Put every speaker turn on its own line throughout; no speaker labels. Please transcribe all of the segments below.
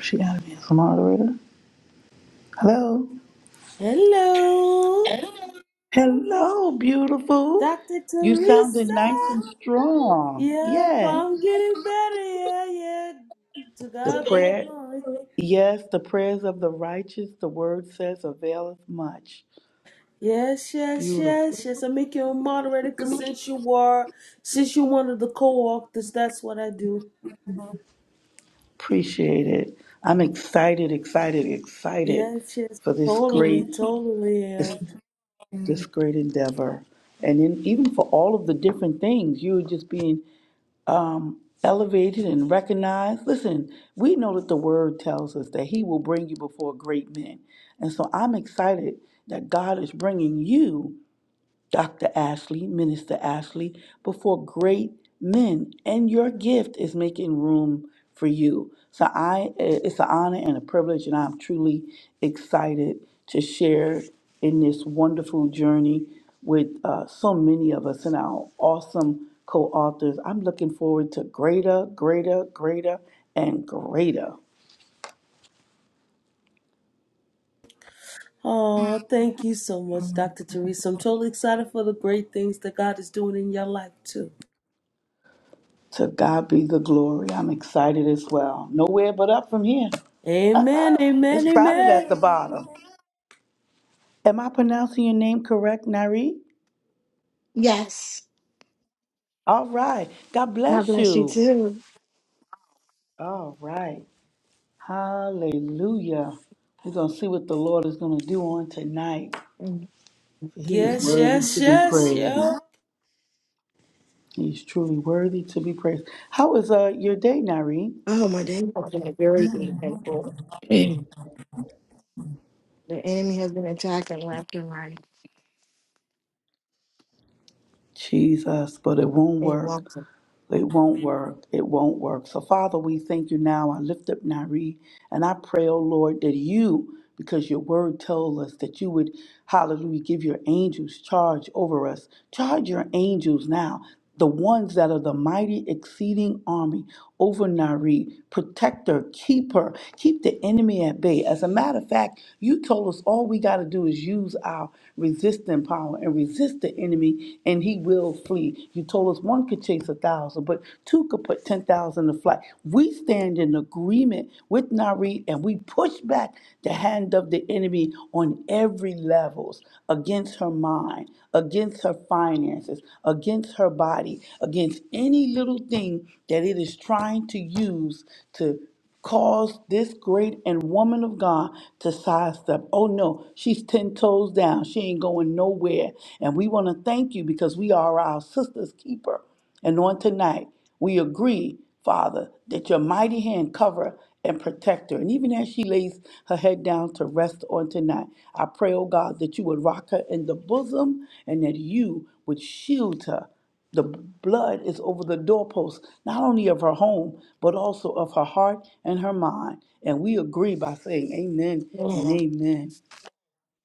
She gotta be as a moderator. Hello.
Hello,
Hello, beautiful.
Dr.
You sounded
Teresa.
nice and strong.
Yep,
Yes.
I'm getting better. Yeah, yeah. To
The Today?
God be the
prayer
glory.
yes, the prayers of the righteous, the word says, availeth much.
Yes, yes, yes,
Beautiful.
yes. I make you a moderator because since you were, since you're one of the co-authors, that's what I do.
Appreciate it. I'm excited, excited, excited
Yes, yes.
for this
Totally,
great
totally
this
am.
this great endeavor. And then even for all of the different things, you just being um, elevated and recognized. Listen, we know that the word tells us that He will bring you before great men. And so I'm excited that God is bringing you. Dr. Ashley, Minister Ashley, before great men, and your gift is making room for you. So I, eh, it's an honor and a privilege, and I'm truly excited to share in this wonderful journey with uh, so many of us and our awesome co-authors. I'm looking forward to greater, greater, greater, and greater.
Oh, thank you so much, Dr. Teresa. I'm totally excited for the great things that God is doing in your life, too.
To God be the glory. I'm excited as well. Nowhere but up from here.
Amen, amen,
It's crowded at
amen.
the bottom. Am I pronouncing your name correct, Nari?
Yes.
All right. God
God
bless
bless you
you.
too.
All right. Hallelujah. We're going to see what the Lord is going to do on tonight.
Mm.
For he is
Yes,
worthy
yes,
to be
yes,
praised.
yo.
He's truly worthy to be praised. How is uh, your day, Nari?
Oh, my day has been very eventful. the enemy has been attacking left and right
Jesus, but it won't
and
work.
walking.
It won't work. It won't work. So, Father, we thank you now. I lift up Nari and I pray, oh Lord, that you, because your word told us that you would, hallelujah, give your angels charge over us. Charge your angels now, the ones that are the mighty exceeding army over Nari, protector, keeper. Keep the enemy at bay. As a matter of fact, you told us all we got to do is use our resisting power and resist the enemy, and he will flee. You told us one could chase a thousand, but two could put 10,000 to flight. We stand in agreement with Nari, and we push back the hand of the enemy on every levels against her mind, against her finances, against her body, against any little thing that it is trying to use to cause this great and woman of God to sidestep. Oh no, she's 10 toes down. She ain't going nowhere. And we want to thank you because we are our sister's keeper. And on tonight, we agree. Father, that your mighty hand cover and protect her. And even as she lays her head down to rest on tonight, I pray, oh God, that you would rock her in the bosom and that you would shield her. The blood is over the doorpost, not only of her home, but also of her heart and her mind. And we agree by saying amen and
Yeah.
amen.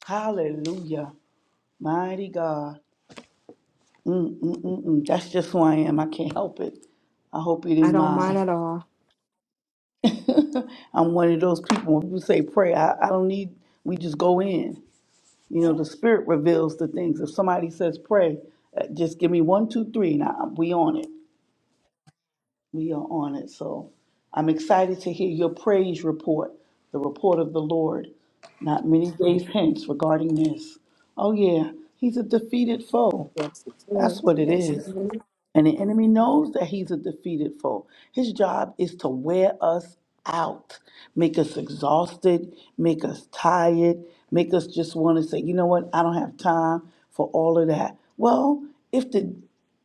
Hallelujah. Mighty God. Mm-mm-mm-mm. That's just who I am. I can't help it. I hope you
I
didn't
don't mind
mind.
at all.
I'm one of those people when people say pray, I, I don't need, we just go in. You know, the spirit reveals the things. If somebody says pray, uh, just give me one, two, three. Now we on it. We are on it. So I'm excited to hear your praise report, the report of the Lord, not many days hence regarding this. Oh yeah, he's a defeated foe.
Yes, it
That's
is.
what it
Yes, it
is.
is.
And the enemy knows that he's a defeated foe. His job is to wear us out, make us exhausted, make us tired, make us just want to say, you know what, I don't have time for all of that. Well, if the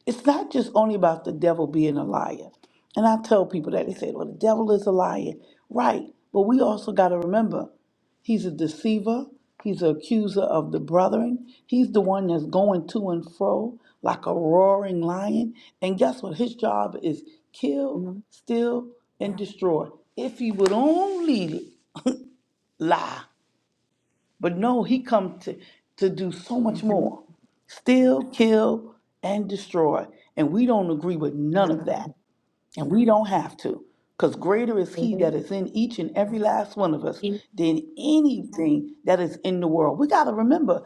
it's not just only about the devil being a liar. And I tell people that they say, well, the devil is a liar. Right. But we also got to remember He's a deceiver. He's an accuser of the brethren. He's the one that's going to and fro like a roaring lion. And guess what? His job is kill,
Mm-hmm.
steal, and destroy. If he would only lie, but no, he come to, to do so
No,
much more. Steal, kill, and destroy. And we don't agree with none of that.
no.
And we don't have to, because greater is He that
Mhm.
is in each and every last one of us
Keep
than anything that is in the world. We got to remember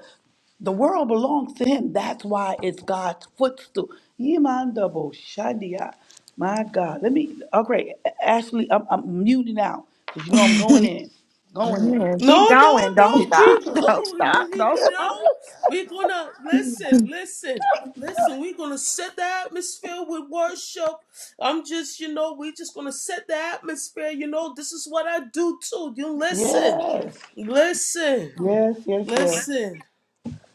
the world belongs to Him. That's why it's God's footstool. Yimandabo shandia. My God. Let me, okay, Ashley, I'm, I'm muting out because you know I'm going in. Going in.
Yeah, Keep
No, no,
going. Don't
no,
stop.
keep
Don't
going.
stop.
You need
Don't
to
stop.
know. We're gonna listen, listen, listen. We're gonna set the atmosphere with worship. I'm just, you know, we're just gonna set the atmosphere. You know, this is what I do too. You listen,
Yes.
listen,
Yes, yes, yes.
listen.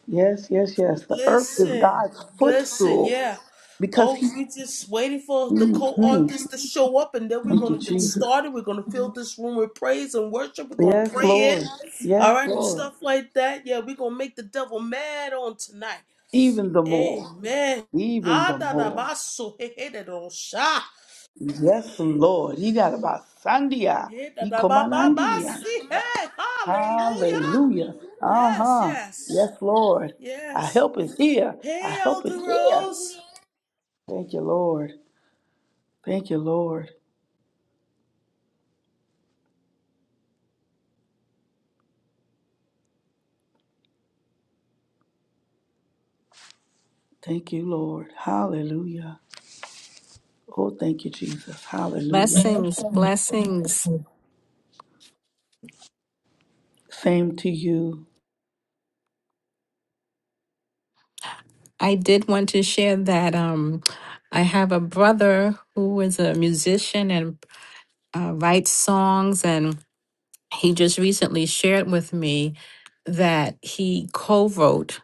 Yes, yes, yes. The earth is
Listen,
God's
listen,
footstool
yeah.
because
Oh,
He.
we just waiting for the
Mhm.
co-authors to show up, and then we're
Thank
gonna
you,
get
Jesus.
started. We're gonna fill this room with praise and worship. We're gonna
Yes,
pray
Lord.
it, all
Yes,
right, and
Lord.
stuff like that. Yeah, we're gonna make the devil mad on tonight.
Even the more.
Amen.
Even
Ah,
the
da da
more.
ba so he he da da sha
Yes, Lord. He got about Sandia.
he da
He
da
come
ba
on
ba ba
Andia.
si hey hallelujah.
Hallelujah.
Yes,
Uh-huh.
yes,
Yes, Lord. Our
yes.
help is here. Our
Hey,
help is
Elder
here.
Rose.
Thank you, Lord. Thank you, Lord. Thank you, Lord. Hallelujah. Oh, thank you, Jesus. Hallelujah.
Blessings, blessings.
Same to you.
I did want to share that um, I have a brother who is a musician and uh, writes songs, and he just recently shared with me that he co-wrote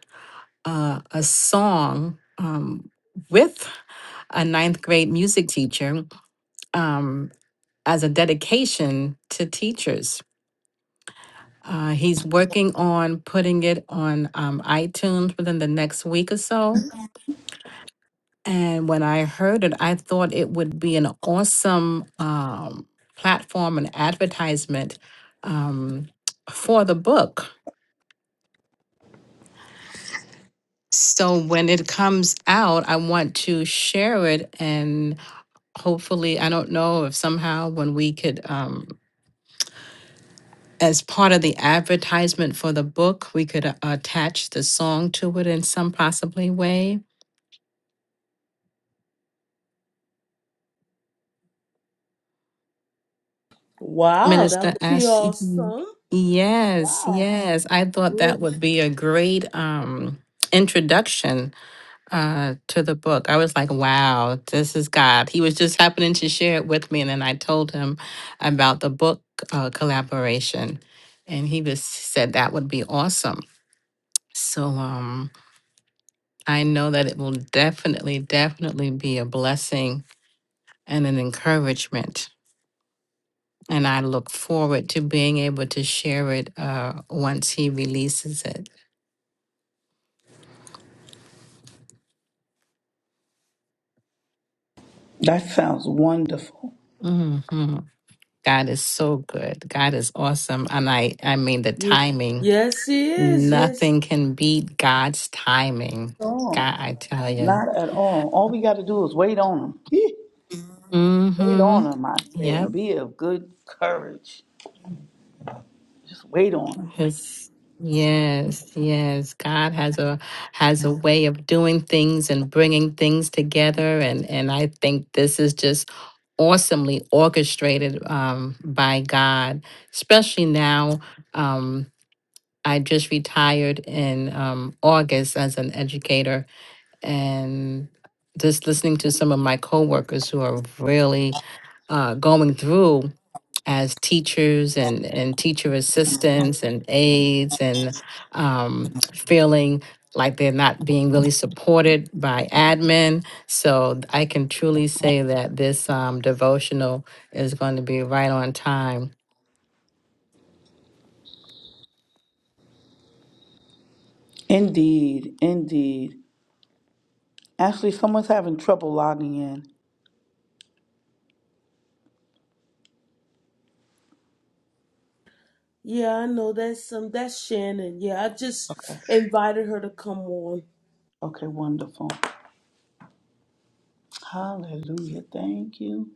uh, a song um, with a ninth grade music teacher um, as a dedication to teachers. Uh, he's working on putting it on um, iTunes within the next week or so. And when I heard it, I thought it would be an awesome um, platform and advertisement um, for the book. So when it comes out, I want to share it and hopefully, I don't know if somehow when we could, um, as part of the advertisement for the book, we could uh, attach the song to it in some possibly way.
Wow, that
Minister
would be
Ashley.
awesome.
Yes,
Wow.
yes. I thought
Really?
that would be a great um introduction uh to the book. I was like, wow, this is God. He was just happening to share it with me and then I told him about the book uh collaboration and he just said that would be awesome. So um I know that it will definitely definitely be a blessing and an encouragement And I look forward to being able to share it uh, once he releases it.
That sounds wonderful.
hmm God is so good. God is awesome. And I, I mean, the
Ye-
timing,
Yes, he is. Yes.
nothing can beat God's timing. God,
Oh.
I tell you.
Not at all. All we got to do is wait on him. Wait on him, I
Mm-hmm.
say, and be of good courage. Just wait on him.
Yes, yes, yes. God has a has a way of doing things and bringing things together, and and I think this is just awesomely orchestrated um, by God, especially now. Um, I just retired in um, August as an educator, and just listening to some of my coworkers who are really uh, going through as teachers and, and teacher assistants and aides and um, feeling like they're not being really supported by admin. So I can truly say that this um, devotional is going to be right on time.
Indeed, indeed. Ashley, someone's having trouble logging in.
Yeah, I know that's some that's Shannon. Yeah, I just invited her to come on.
Okay, wonderful. Hallelujah. Thank you.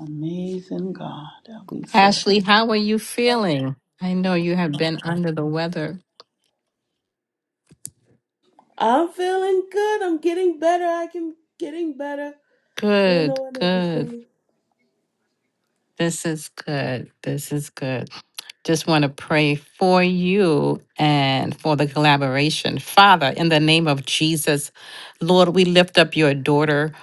Amazing God that we serve.
Ashley, how are you feeling? I know you have been under the weather.
I'm feeling good. I'm getting better. I can getting better, you
Good,
know, and
good.
everything.
This is good. This is good. Just want to pray for you and for the collaboration. Father, in the name of Jesus, Lord, we lift up your daughter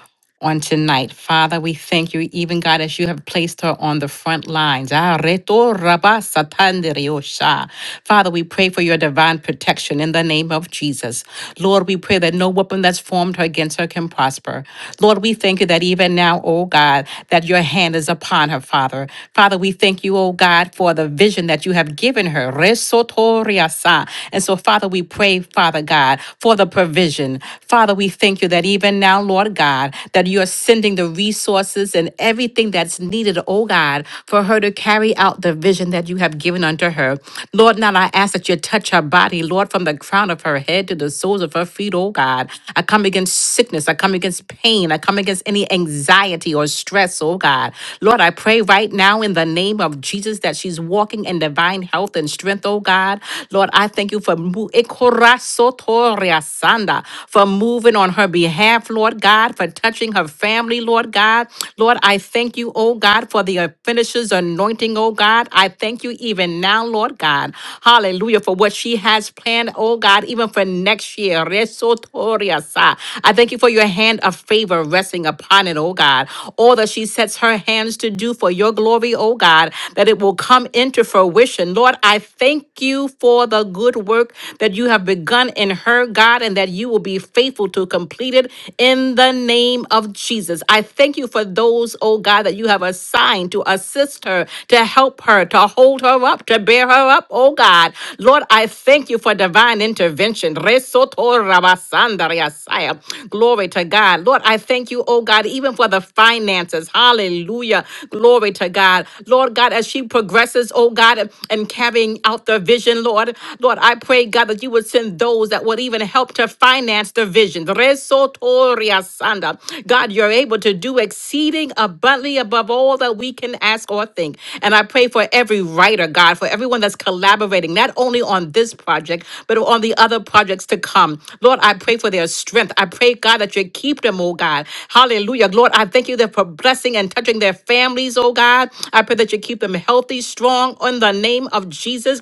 on tonight. Father, we thank you, even God, as you have placed her on the front lines. Ah, reto raba satandere osha. Father, we pray for your divine protection in the name of Jesus. Lord, we pray that no weapon that's formed against her can prosper. Lord, we thank you that even now, oh oh God, that your hand is upon her, Father. Father, we thank you, oh God, for the vision that you have given her. Resotoriasa. And so, Father, we pray, Father God, for the provision. Father, we thank you that even now, Lord God, that you are sending the resources and everything that's needed, oh God, for her to carry out the vision that you have given unto her. Lord, now I ask that you touch her body, Lord, from the crown of her head to the soles of her feet feet, oh God. I come against sickness. I come against pain. I come against any anxiety or stress, oh God. Lord, I pray right now in the name of Jesus that she's walking in divine health and strength, oh God. Lord, I thank you for mo- Ekorasotoriasanda, for moving on her behalf, Lord God, for touching her family, Lord God. Lord, I thank you, oh God, for the uh, finisher's anointing, oh God. I thank you even now, Lord God. Hallelujah. For what she has planned, oh God, even for next year. Resotoriasa. I thank you for your hand of favor resting upon it, oh God. All that she sets her hands to do for your glory, oh God, that it will come into fruition. Lord, I thank you for the good work that you have begun in her, God, and that you will be faithful to complete it in the name of Jesus. I thank you for those, oh oh God, that you have assigned to assist her, to help her, to hold her up, to bear her up, oh God. Lord, I thank you for divine intervention. Resoto rabasandariasaya. Glory to God. Lord, I thank you, oh God, even for the finances. Hallelujah. Glory to God. Lord God, as she progresses, oh God, and carrying out the vision, Lord, Lord, I pray, God, that you would send those that would even help to finance master vision. Resotoria sanda. God, you're able to do exceeding abundantly above all that we can ask or think. And I pray for every writer, God, for everyone that's collaborating, not only on this project, but on the other projects to come. Lord, I pray for their strength. I pray, God, that you keep them, oh God. Hallelujah. Lord, I thank you that for blessing and touching their families, oh God. I pray that you keep them healthy, strong, in the name of Jesus.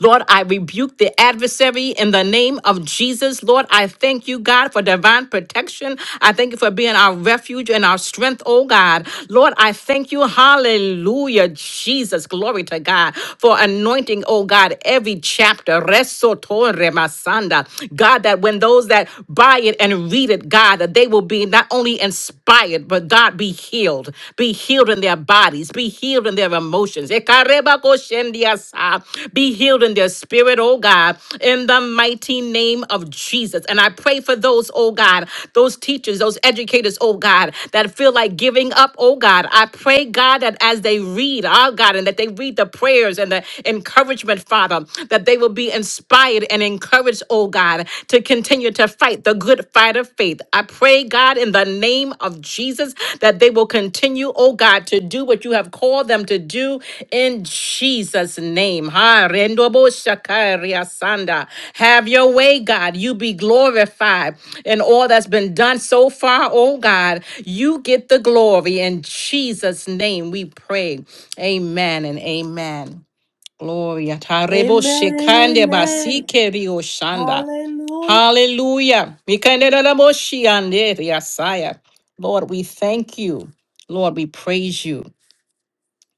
Lord, I rebuke the adversary in the name of Jesus. Lord, I thank you, God, for divine protection. I thank you for being our refuge and our strength, oh God. Lord, I thank you. Hallelujah, Jesus. Glory to God for anointing, oh God, every chapter. Resotore masanda. God, that when those that buy it and read it, God, that they will be not only inspired, but God, be healed, be healed in their bodies, be healed in their emotions. Ekareba koshendiasa, Be healed in their spirit, oh God, in the mighty name of Jesus. And I pray for those, oh God, those teachers, those educators, oh God, that feel like giving up, oh God. I pray, God, that as they read, our God, and that they read the prayers and the encouragement, Father, that they will be inspired and encouraged, oh oh God, to continue to fight the good fight of faith. I pray, God, in the name of Jesus, that they will continue, oh God, to do what you have called them to do in Jesus' name. Ha, rendobo shakaria sanda. Have your way, God. You be glorified in all that's been done so far, oh God. You get the glory. In Jesus' name we pray. Amen and amen. Gloria. Tarebo
Amen and
shekande
amen.
basike rio shanda.
Hallelujah.
Hallelujah. Mikande da da bo shiande riasaya. Lord, we thank you. Lord, we praise you.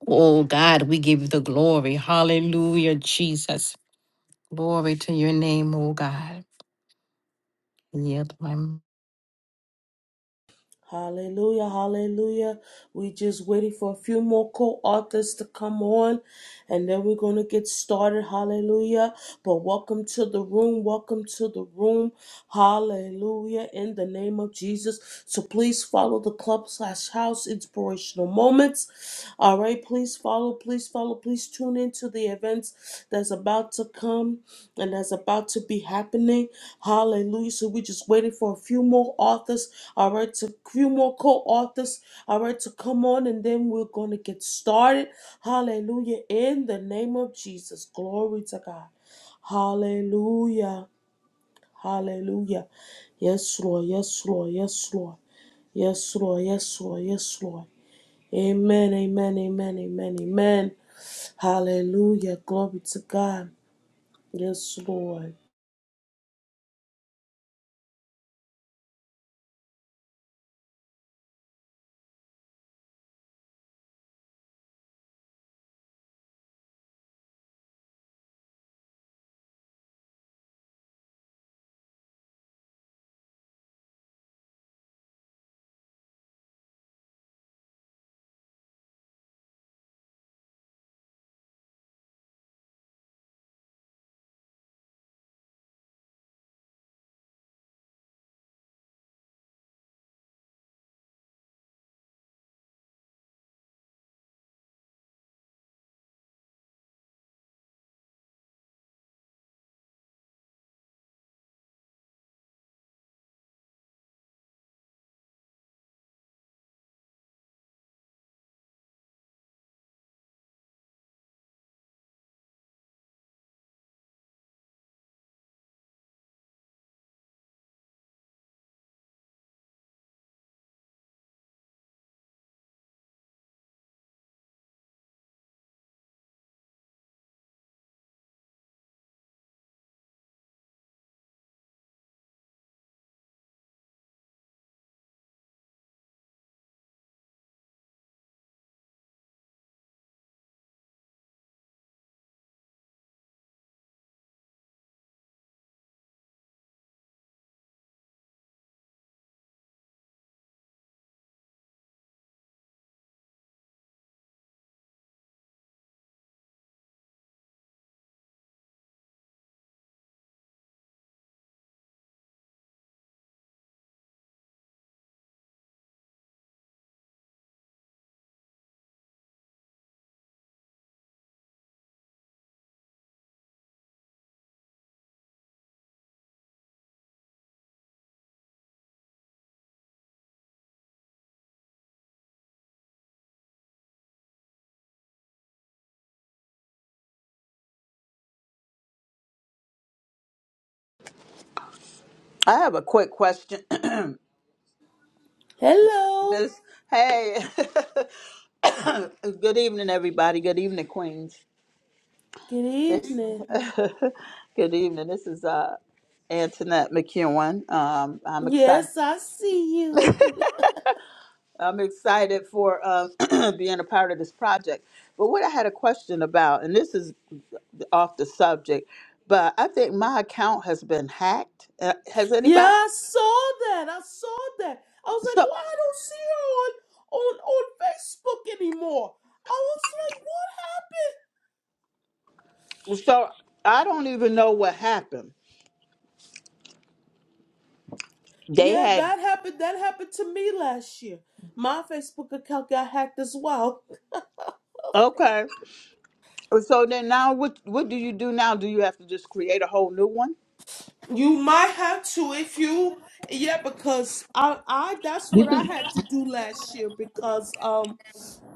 Oh God, we give you the glory. Hallelujah, Jesus. Glory to your name, oh God. Yield my m-
Hallelujah, hallelujah. We just waiting for a few more co-authors to come on and then we're going to get started. Hallelujah. But welcome to the room. Welcome to the room. Hallelujah. In the name of Jesus. So please follow the club slash house inspirational moments. All right. Please follow. Please follow. Please tune into the events that's about to come and that's about to be happening. Hallelujah. So we're just waiting for a few more authors, all right, to few more co-authors, all right, to come on, and then we're gonna get started. Hallelujah. In the name of Jesus. Glory to God. Hallelujah. Hallelujah. Yes, Lord. Yes, Lord. Yes, Lord. Yes, Lord. Yes, Lord. Yes, Lord. Amen. Amen. Amen. Amen. Amen. Hallelujah. Glory to God. Yes, Lord.
I have a quick question,
Hello.
Miss. Hey, good evening, everybody. Good evening, Queens.
Good
This,
evening.
good evening. This is uh, Antoinette McEwen. Um, I'm excited.
Yes, I see you.
I'm excited for uh, being a part of this project. But what I had a question about, and this is off the subject, but I think my account has been hacked. Uh, Has
Yeah,
anybody?
I saw that. I saw that. I was like,
So,
why I don't see her on on on Facebook anymore. I was like, what?
so I don't even know what happened. They
Yeah,
had.
that happened. That happened to me last year. My Facebook account got hacked as well.
Okay. So then now what what do you do now? Do you have to just create a whole new one?
You might have to if you yeah, because I I that's what I had to do last year because um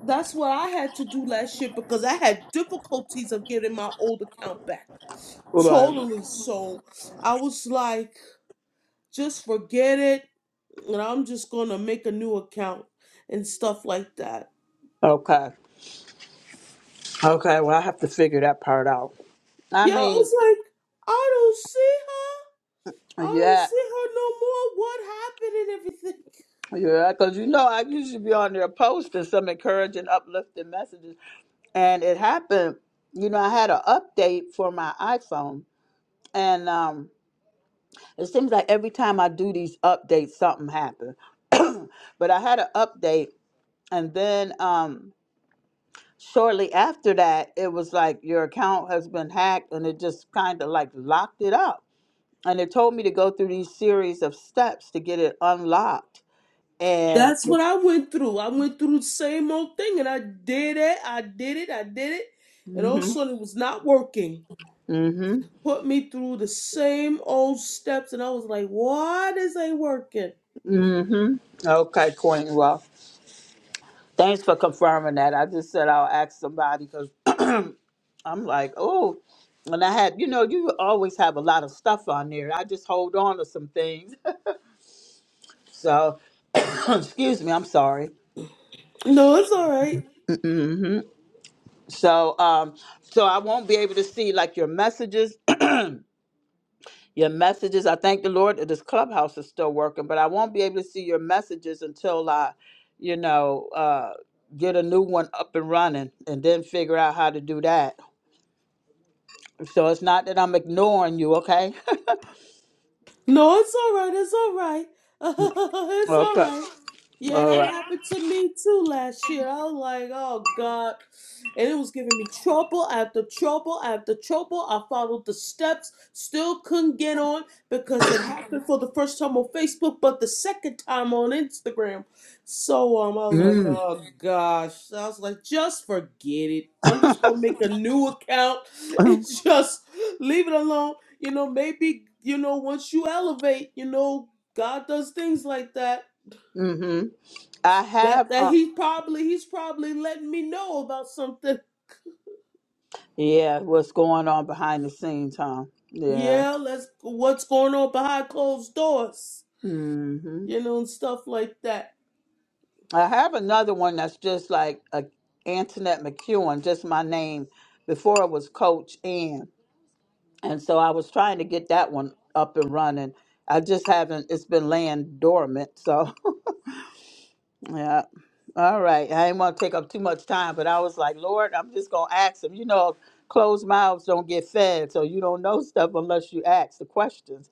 that's what I had to do last year because I had difficulties of getting my old account back.
Right.
totally so i was like just forget it and i'm just gonna make a new account and stuff like that
Okay. Okay, well I have to figure that part out. I
yeah i
mean,
was like i don't see her i don't
yeah.
see her no more what happened and everything
Yeah, because you know I used to be on there posting some encouraging, uplifting messages. And it happened, you know, I had an update for my iPhone and um it seems like every time I do these updates something happens. but I had an update and then um shortly after that, it was like your account has been hacked, and it just kind of like locked it up. And it told me to go through these series of steps to get it unlocked. And
that's what i went through i went through the same old thing and i did it i did it i did it and all of a
mm-hmm,
sudden it was not working
mm-hmm,
put me through the same old steps and i was like why this ain't working
mm-hmm. Okay, Quentin. Well, thanks for confirming that. I just said I'll ask somebody because I'm like, oh. And I had, you know, you always have a lot of stuff on there. I just hold on to some things. So, excuse me, I'm sorry.
no it's all right
So um so I won't be able to see like your messages. your messages. I thank the Lord that this clubhouse is still working, but I won't be able to see your messages until I, you know, uh get a new one up and running and then figure out how to do that. So it's not that I'm ignoring you, okay?
No, it's all right. It's all right. it's all
okay.
right. Yeah,
All
that
right.
happened to me too last year. I was like, oh God. And it was giving me trouble after trouble after trouble. I followed the steps, still couldn't get on because it happened for the first time on Facebook, but the second time on Instagram. So um, I was like,
Mm.
oh gosh. So I was like, just forget it. I'm just gonna make a new account and just leave it alone you know, maybe, you know, once you elevate, you know, God does things like that.
mm-hmm. I
That
have
that
uh,
he probably he's probably letting me know about something.
yeah, what's going on behind the scenes, huh? Yeah.
Yeah, let's what's going on behind closed doors,
Mm-hmm.
you know, and stuff like that.
I have another one that's just like a Antoinette McEwen, just my name. Before it was Coach Ann, and so I was trying to get that one up and running. I just haven't. It's been laying dormant. So yeah. All right. I didn't want to take up too much time, but I was like, Lord, I'm just gonna ask him. You know, closed mouths don't get fed, so you don't know stuff unless you ask the questions.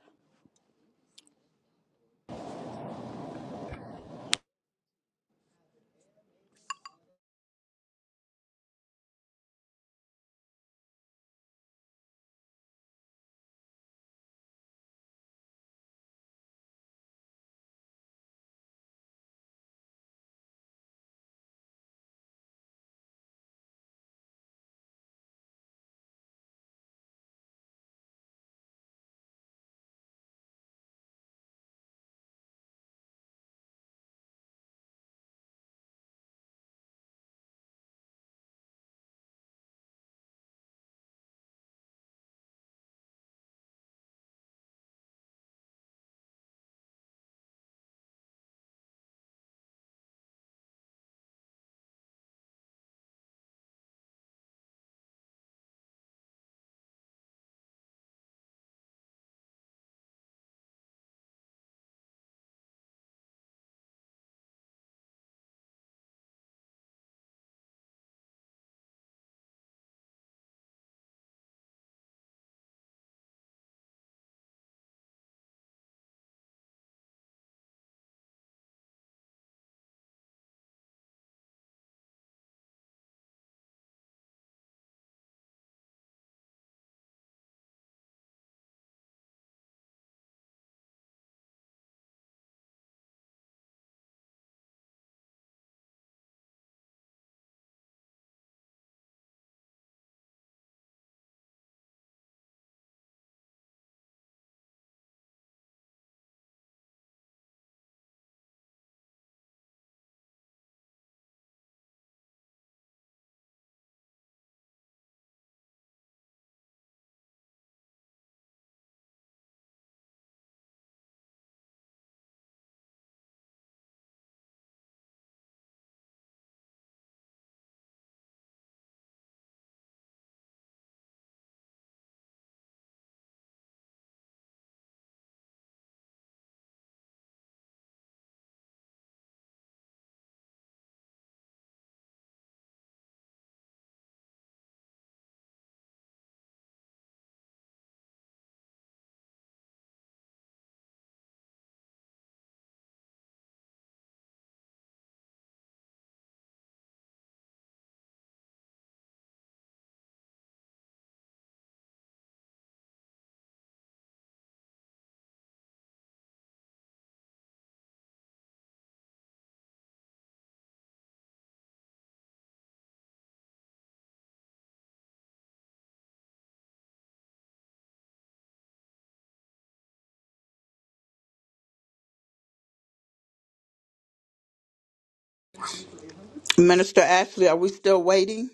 Minister Ashley, are we still waiting?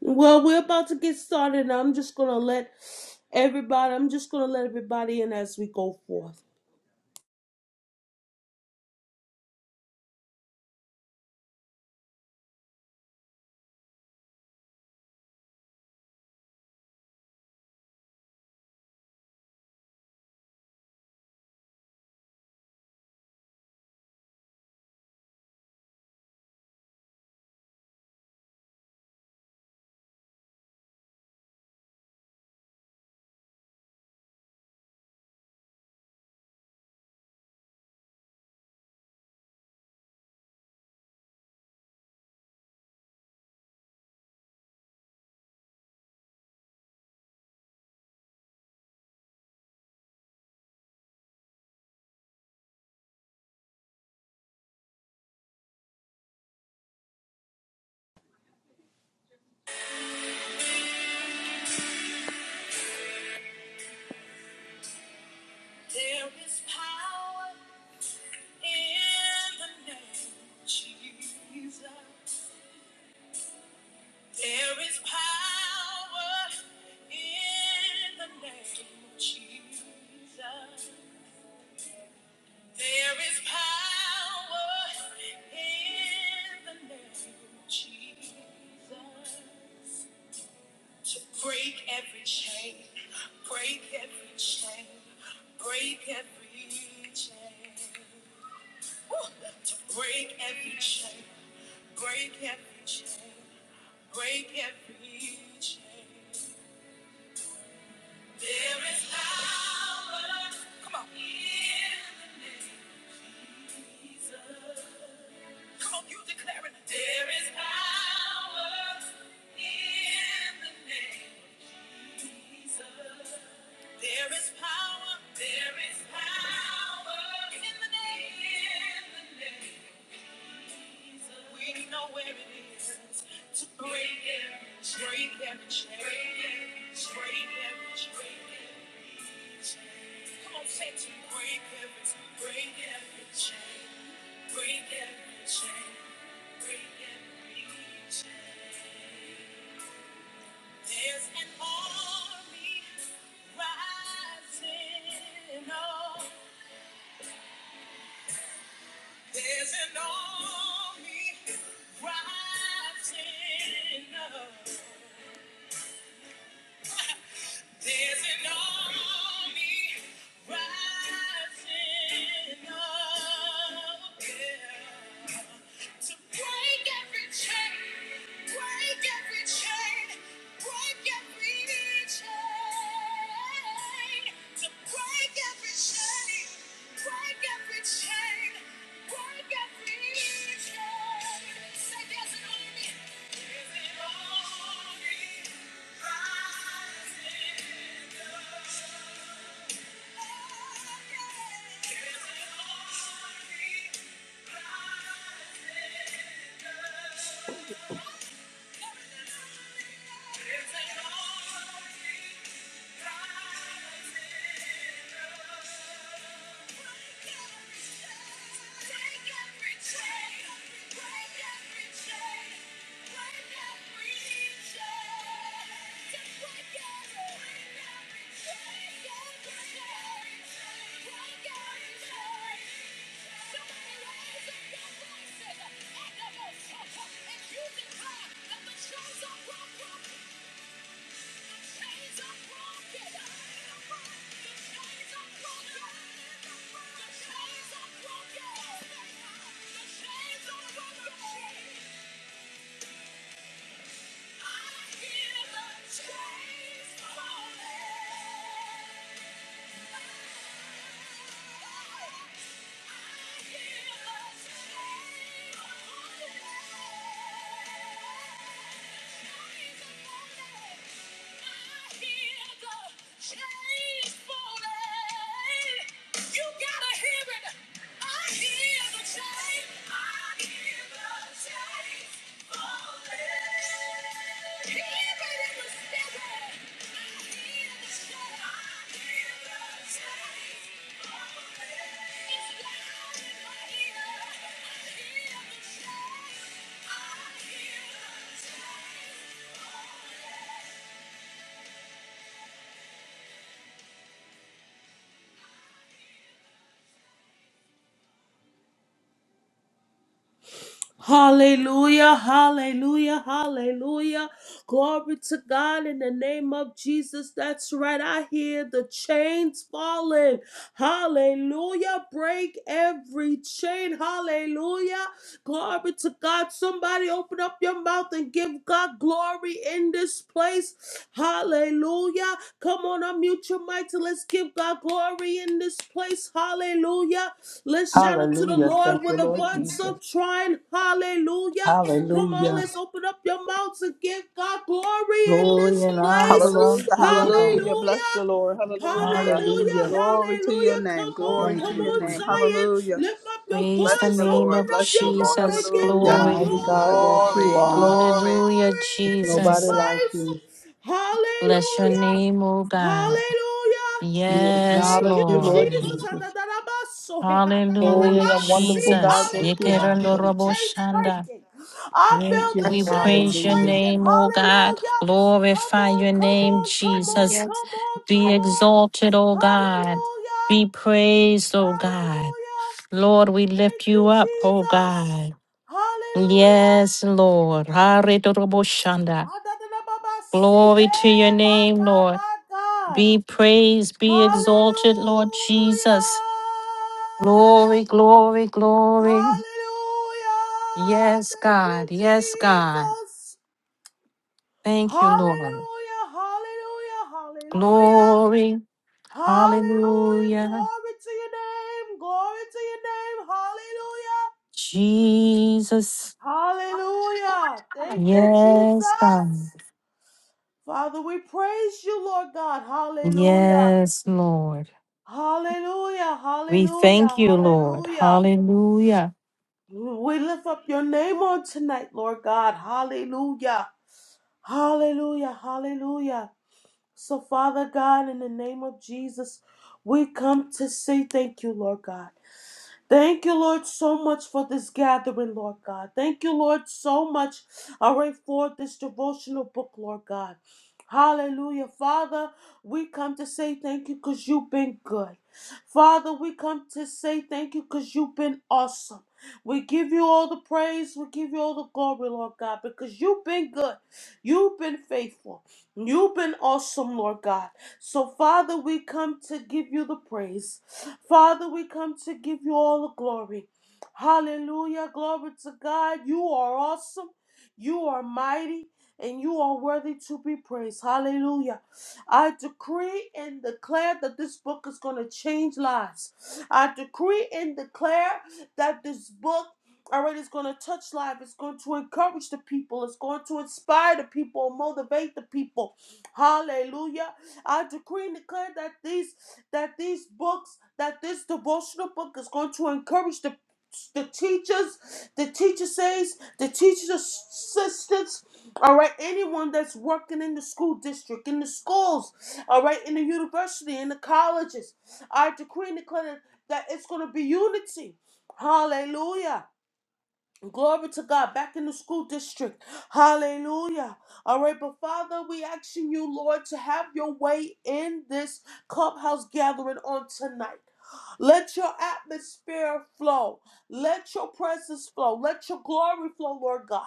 Well, we're about to get started. and I'm just gonna let everybody. I'm just gonna let everybody in as we go forth. Hallelujah, hallelujah, hallelujah. Glory to God in the name of Jesus. That's right. I hear the chains falling. Hallelujah. Break every chain. Hallelujah. Glory to God. Somebody open up your mouth and give God glory in this place. Hallelujah. Come on, unmute your mic and let's give God glory in this place. Hallelujah. Let's shout out to the
Hallelujah.
Lord
Thank you,
with a
Lord
bunch of
Jesus.
trying. Hallelujah. Come on,
Hallelujah.
let's open up your mouths and give God glory in
Glory
this
and honor
place.
Hallelujah,
belong to you, O God.
hallelujah. Bless you,
Hallelujah.
Lord. Hallelujah.
Hallelujah,
Hallelujah.
Glory to your
hallelujah.
name.
Come on,
Glory
Thank
to
come
you,
your
on,
name.
Jesus.
Zion.
Hallelujah.
Lift up your
Praise
Bless
the
voice,
you,
name
open
Lord.
of
up
Bless you,
your
Lord.
mouth, and
Jesus.
give
Hallelujah.
God
Glory.
glory
Mighty God that you
Glory,
are.
glory.
Hallelujah,
There's
in this
nobody
Jesus.
like
place.
you.
Bless your
Hallelujah,
name, oh God.
hallelujah.
We
Yes,
Thank
acknowledge
you,
you,
Lord.
Lord
Jesus.
Jesus.
Atadarabaso, eh,
Hallelujah,
Holy and
atadadarabasi.
wonderful God
Jesus.
that you
Hallelujah. I
are.
feel the
Thank you.
chains
Yekerandoroboshanda.
breaking. I feel
Thank you.
the
We
chains
praise your
Hallelujah.
breaking.
name, O God.
Hallelujah. Come
Glorify
on,
your
come
name,
on, come on,
Jesus.
Yes.
come on,
Be
come
Yes.
on.
exalted, O God.
Hallelujah.
Be praised, O God.
Hallelujah.
Lord, we
Thank
lift
you,
you up, O
Jesus.
God.
Hallelujah.
Yes, Lord. Haridoroboshanda.
Adadadababasi.
Glory to
Hey,
your
my
name,
God,
Lord.
my God.
Be praised, be
Hallelujah.
exalted, Lord Jesus. Glory, glory, glory.
Hallelujah!
Yes,
Thank you,
God. Yes, God.
Jesus.
Thank you, Lord.
Hallelujah! Hallelujah! Hallelujah!
Glory.
Hallelujah!
Hallelujah.
Glory to your name! Glory to your name! Hallelujah!
Jesus.
Hallelujah! Thank you,
Yes,
Jesus.
God.
Father, we praise you, Lord God. Hallelujah!
Yes, Lord.
Hallelujah!
We thank
Hallelujah!
you, Lord.
Hallelujah!
Hallelujah.
We lift up your name on tonight, Lord God. Hallelujah. Hallelujah, hallelujah. So, Father God, in the name of Jesus, we come to say thank you, Lord God. Thank you, Lord, so much for this gathering, Lord God. Thank you, Lord, so much, all right, for this devotional book, Lord God. Hallelujah. Father, we come to say thank you because you've been good. Father, we come to say thank you because you've been awesome. We give you all the praise. We give you all the glory, Lord God, because you've been good. You've been faithful. You've been awesome, Lord God. So, Father, we come to give you the praise. Father, we come to give you all the glory. Hallelujah. Glory to God. You are awesome. You are mighty. And you are worthy to be praised. Hallelujah. I decree and declare that this book is going to change lives. I decree and declare that this book all right, it's going to touch life. It's going to encourage the people. It's going to inspire the people, motivate the people. Hallelujah. I decree and declare that these that these books, that this devotional book is going to encourage the the teachers, the teacher says, the teachers assistants, all right, anyone that's working in the school district, in the schools, all right, in the university, in the colleges. I decree and declare that it's going to be unity. Hallelujah. Glory to God, back in the school district. Hallelujah. All right, but Father, we asking you, Lord, to have your way in this clubhouse gathering on tonight. Let your atmosphere flow. Let your presence flow. Let your glory flow, Lord God.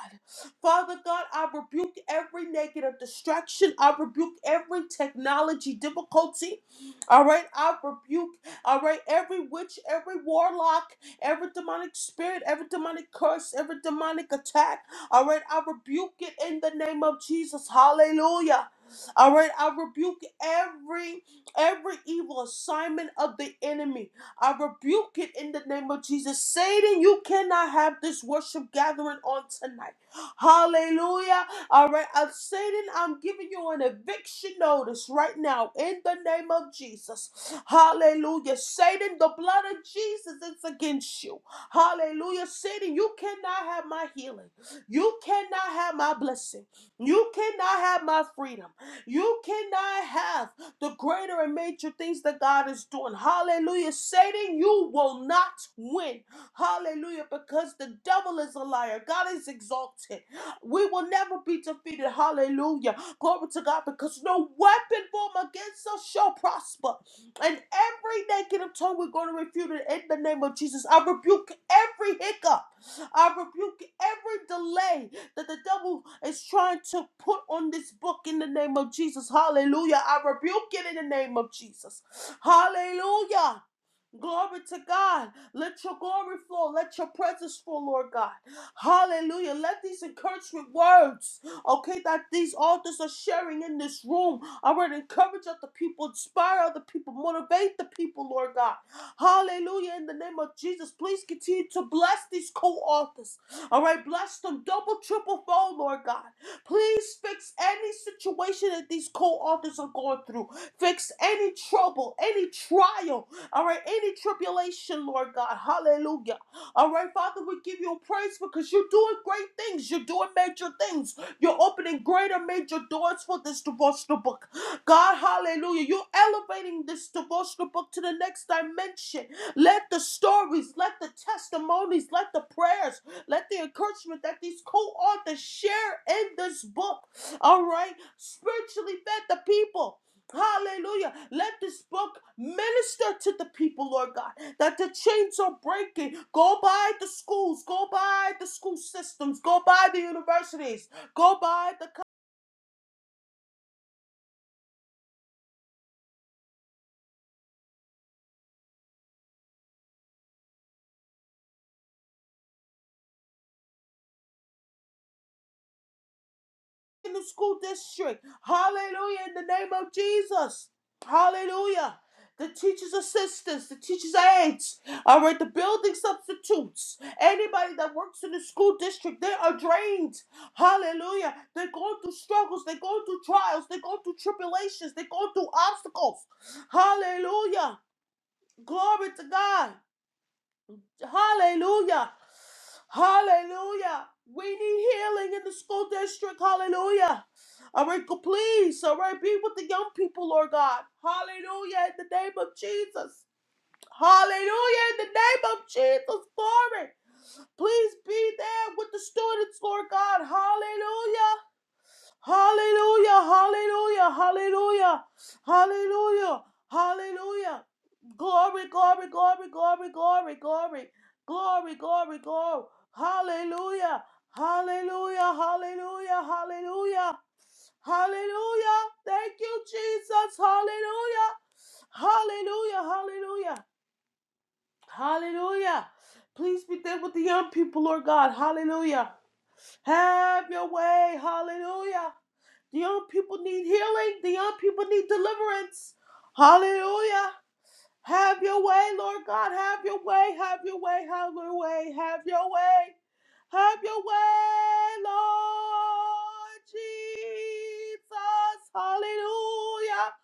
Father God, I rebuke every negative distraction. I rebuke every technology difficulty. All right. I rebuke, all right, every witch, every warlock every demonic spirit, every demonic curse, every demonic attack. All right, I rebuke it in the name of Jesus. Hallelujah. All right, I rebuke every every evil assignment of the enemy. I rebuke it in the name of Jesus. Satan, you cannot have this worship gathering on tonight. Hallelujah. All right. Uh, Satan, I'm giving you an eviction notice right now in the name of Jesus. Hallelujah. Satan, the blood of Jesus is against you. Hallelujah. Satan, you cannot have my healing. You cannot have my blessing. You cannot have my freedom. You cannot have the greater and major things that God is doing. Hallelujah. Satan, you will not win. Hallelujah. Because the devil is a liar. God is exalted. We will never be defeated. Hallelujah. Glory to God. Because no weapon formed against us shall prosper. And every negative tongue we're going to refute it in the name of Jesus. I rebuke every hiccup. I rebuke every delay that the devil is trying to put on this book in the name of Jesus. Hallelujah. I rebuke it in the name of Jesus. Hallelujah. Glory to God. Let your glory flow. Let your presence flow, Lord God. Hallelujah. Let these encouragement words, okay, that these authors are sharing in this room, I would encourage other people, inspire other people, motivate the people, Lord God. Hallelujah. In the name of Jesus, please continue to bless these co authors. All right, bless them double, triple fold, Lord God. Please fix any situation that these co-authors are going through. Fix any trouble, any trial, all right, any tribulation, Lord God. Hallelujah. All right, Father, we give you praise because you're doing great things. You're doing major things. You're opening greater major doors for this devotional book. God, hallelujah. You're elevating this devotional book to the next dimension. Let the stories, let the testimonies, let the prayers, let the encouragement that these co-authors share in this book, all right, spiritually fed the people. Hallelujah. Let this book minister to the people, Lord God, that the chains are breaking. Go by the schools, go by the school systems, go by the universities, go by the in the school district. Hallelujah, in the name of Jesus. Hallelujah. The teachers' assistants, the teachers' aides, all right, the building substitutes, anybody that works in the school district, they are drained. Hallelujah. They're going through struggles, they're going through trials, they're going through tribulations, they're going through obstacles. Hallelujah. Glory to God. Hallelujah. Hallelujah. We need healing in the school district. Hallelujah. All right, go- please. All right, be with the young people, Lord God. Hallelujah. In the name of Jesus. Hallelujah. In the name of Jesus. Glory. Please be there with the students, Lord God. Hallelujah. Hallelujah, hallelujah, hallelujah, hallelujah, hallelujah. Glory, glory, glory, glory, glory, glory, glory, glory, glory. Hallelujah, hallelujah, hallelujah, hallelujah, hallelujah. Thank you, Jesus. Hallelujah, hallelujah, hallelujah, hallelujah. Please be there with the young people, Lord God. Hallelujah. Have your way. Hallelujah. The young people need healing. The young people need deliverance. Hallelujah. Have your way, Lord God. Have your way. Have your way. Have your way. Have your way. Have your way, Lord Jesus. Hallelujah.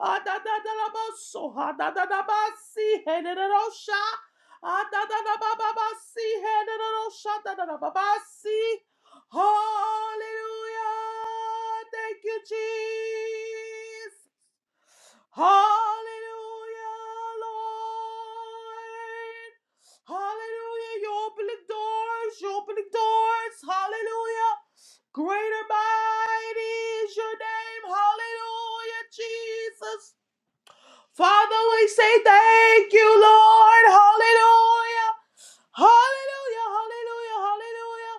Adadadalabaso, adadadabasi, henerosha, adadadabababasi, henerosha, dadadababasi. Hallelujah! Thank you, Jesus. Hallelujah, Lord. Hallelujah. You're opening doors. You're opening doors. Hallelujah. Greater mighty is your name. Hallelujah, Jesus. Father, we say thank you, Lord. Hallelujah. Hallelujah, hallelujah, hallelujah.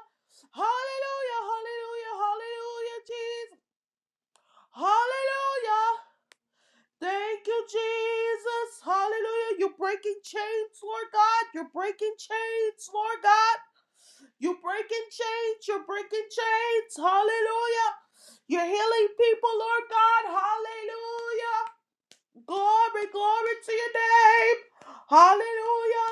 Hallelujah, hallelujah, hallelujah, Jesus. Hallelujah. Thank you, Jesus. Hallelujah. You're breaking chains, Lord God. You're breaking chains, Lord God. You're breaking chains. You're breaking chains. Hallelujah. You're healing people, Lord God. Hallelujah. Glory, glory to your name. Hallelujah.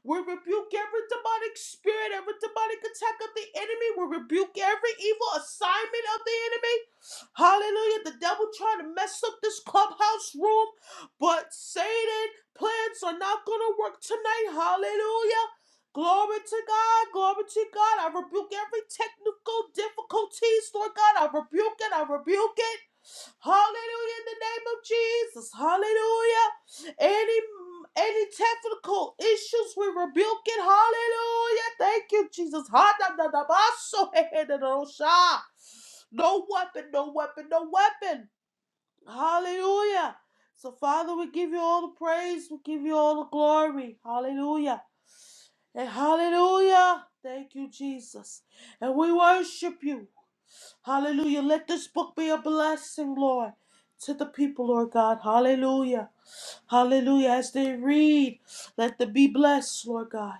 We rebuke every demonic spirit, every demonic attack of the enemy. We rebuke every evil assignment of the enemy. Hallelujah. The devil trying to mess up this clubhouse room, but Satan plans are not going to work tonight. Hallelujah. Glory to God, glory to God. I rebuke every technical difficulties, Lord God. I rebuke it, I rebuke it. Hallelujah in the name of Jesus. Hallelujah. Any any technical issues, we rebuke it. Hallelujah. Thank you, Jesus. so, No weapon, no weapon, no weapon. Hallelujah. So, Father, we give you all the praise. We give you all the glory. Hallelujah. And hallelujah. Thank you, Jesus. And we worship you. Hallelujah. Let this book be a blessing, Lord, to the people, Lord God. Hallelujah. Hallelujah. As they read, let them be blessed, Lord God.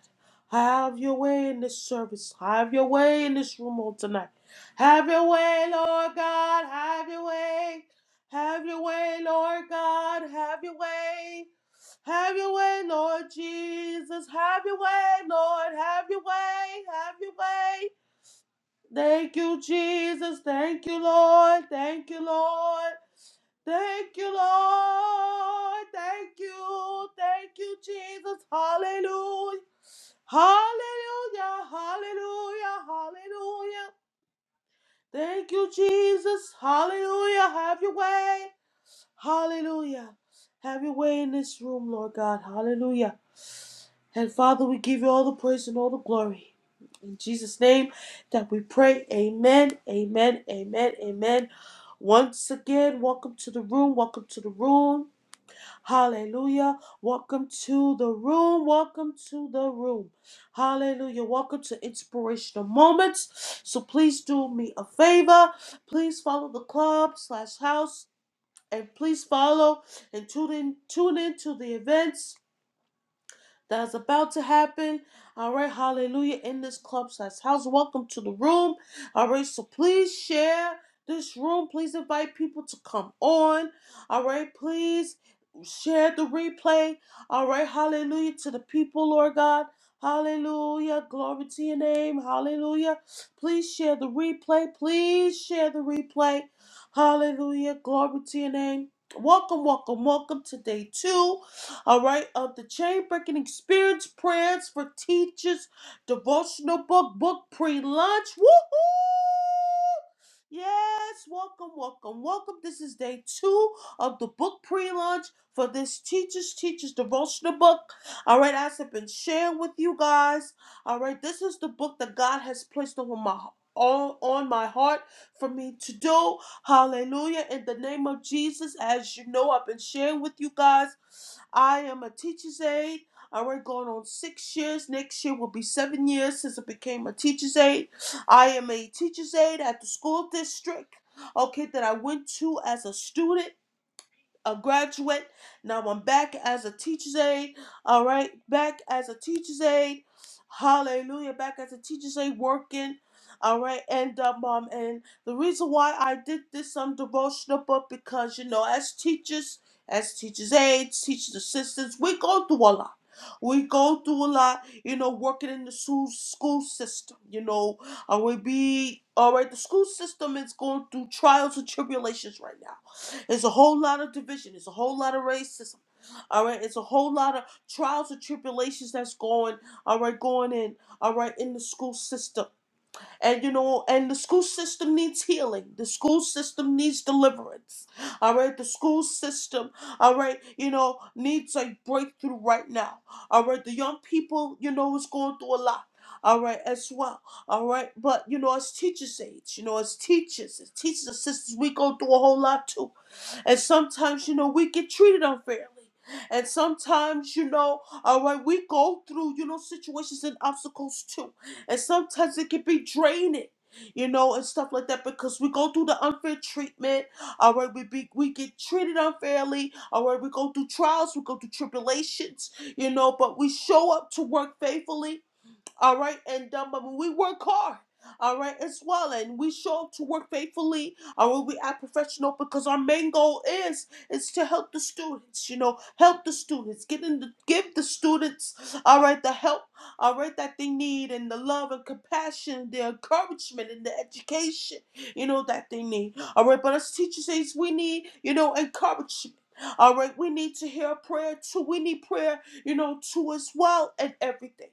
Have your way in this service. Have your way in this room on tonight. Have your way, Lord God. Have your way. Have your way, Lord God. Have your way. Have your way, Lord Jesus. Have your way, Lord. Have your way. Have your way. Thank you, Jesus. Thank you, Lord. Thank you, Lord. Thank you, Lord. Thank you. Thank you, Jesus. Hallelujah. Hallelujah. Hallelujah. Hallelujah. Thank you, Jesus. Hallelujah. Have your way. Hallelujah. Have your way in this room, Lord God. Hallelujah. And Father, we give you all the praise and all the glory. In Jesus' name that we pray. Amen. Amen. Amen. Amen. Once again, welcome to the room. Welcome to the room. Hallelujah. Welcome to the room. Welcome to the room. Hallelujah. Welcome to Inspirational Moments. So please do me a favor. Please follow the club slash house and please follow and tune in tune in to the events that's about to happen. All right, hallelujah, in this clubhouse house. Welcome to the room. All right, so please share this room. Please invite people to come on. All right, please share the replay. All right, hallelujah, to the people, Lord God. Hallelujah. Glory to your name. Hallelujah. Please share the replay. Please share the replay. Hallelujah. Glory to your name. Welcome, welcome, welcome to day two all right, of the chain breaking experience prayers for teachers, devotional book, book pre lunch. Woohoo! Yes, welcome, welcome, welcome. This is day two of the book pre launch for this Teachers Teachers devotional book. All right, as I've been sharing with you guys, all right, this is the book that God has placed over my, on, on my heart for me to do. Hallelujah. In the name of Jesus, as you know, I've been sharing with you guys. I am a teacher's aide. I already going on six years. Next year will be seven years since I became a teacher's aide. I am a teacher's aide at the school district, okay, that I went to as a student a graduate. Now I'm back as a teacher's aide. All right, back as a teacher's aide. Hallelujah, back as a teacher's aide working. All right, and um, um, and the reason why I did this um devotional book because you know as teachers, as teachers aides, teachers assistants, we go through a lot. We go through a lot, you know, working in the school school system. You know, I would be all right. The school system is going through trials and tribulations right now. It's a whole lot of division. It's a whole lot of racism. All right. It's a whole lot of trials and tribulations that's going, all right, going in, all right, in the school system. And, you know, and the school system needs healing. The school system needs deliverance. All right. The school system, all right, you know, needs a breakthrough right now. All right. The young people, you know, is going through a lot. All right, as well. All right, but you know, as teachers' aides, you know, as teachers, as teachers, and sisters, we go through a whole lot too. And sometimes, you know, we get treated unfairly. And sometimes, you know, all right, we go through, you know, situations and obstacles too. And sometimes it can be draining. You know, and stuff like that because we go through the unfair treatment. All right, we be we get treated unfairly. All right, we go through trials, we go through tribulations. You know, but we show up to work faithfully all right, and um, I mean, we work hard, all right, as well, and we show up to work faithfully, all right, we act professional because our main goal is is to help the students, you know, help the students, get in the, give the students, all right, the help, all right, that they need, and the love and compassion, the encouragement, and the education, you know, that they need, all right, but as teachers, says, we need, you know, encouragement. All right, we need to hear prayer too. We need prayer, you know, too as well, and everything.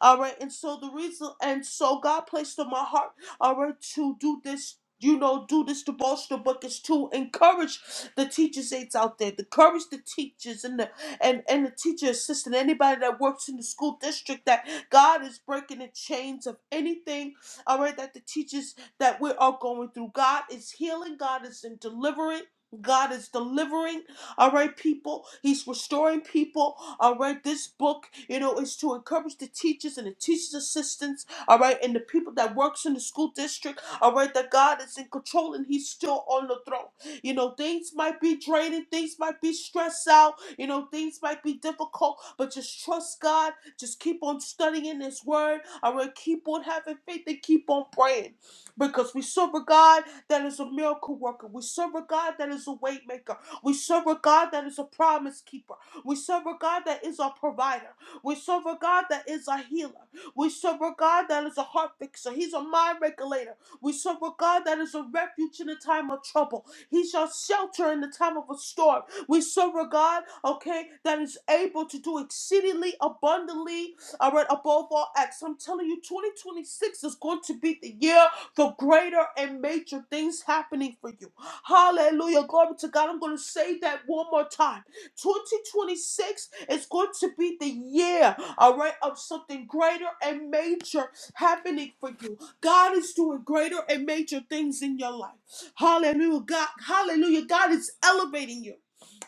All right. And so the reason, and so God placed on my heart, all right, to do this. You know, do this devotional book is to encourage the teachers aides out there, to encourage the teachers and the and, and the teacher assistant, anybody that works in the school district, that God is breaking the chains of anything, all right, that the teachers that we are going through. God is healing, God is in delivering, God is delivering. All right, people. He's restoring people. All right, this book, you know, is to encourage the teachers and the teachers' assistants. All right, and the people that works in the school district. All right, that God is in control and He's still on the throne. You know, things might be draining, things might be stressed out, you know, things might be difficult, but just trust God. Just keep on studying His Word. All right, keep on having faith and keep on praying because we serve a God that is a miracle worker. We serve a God that is a waymaker. We serve a God that is a promise keeper. We serve a God that is our provider. We serve a God that is a healer. We serve a God that is a heart fixer. He's a mind regulator. We serve a God that is a refuge in the time of trouble. He shall shelter in the time of a storm. We serve a God, okay, that is able to do exceedingly abundantly, all right, above all acts. I'm telling you, 2026 is going to be the year for greater and major things happening for you. Hallelujah. Glory to God. I'm going to say that one more time. 2026 is going to be the year, all right, of something greater and major happening for you. God is doing greater and major things in your life. Hallelujah. God, hallelujah. God is elevating you,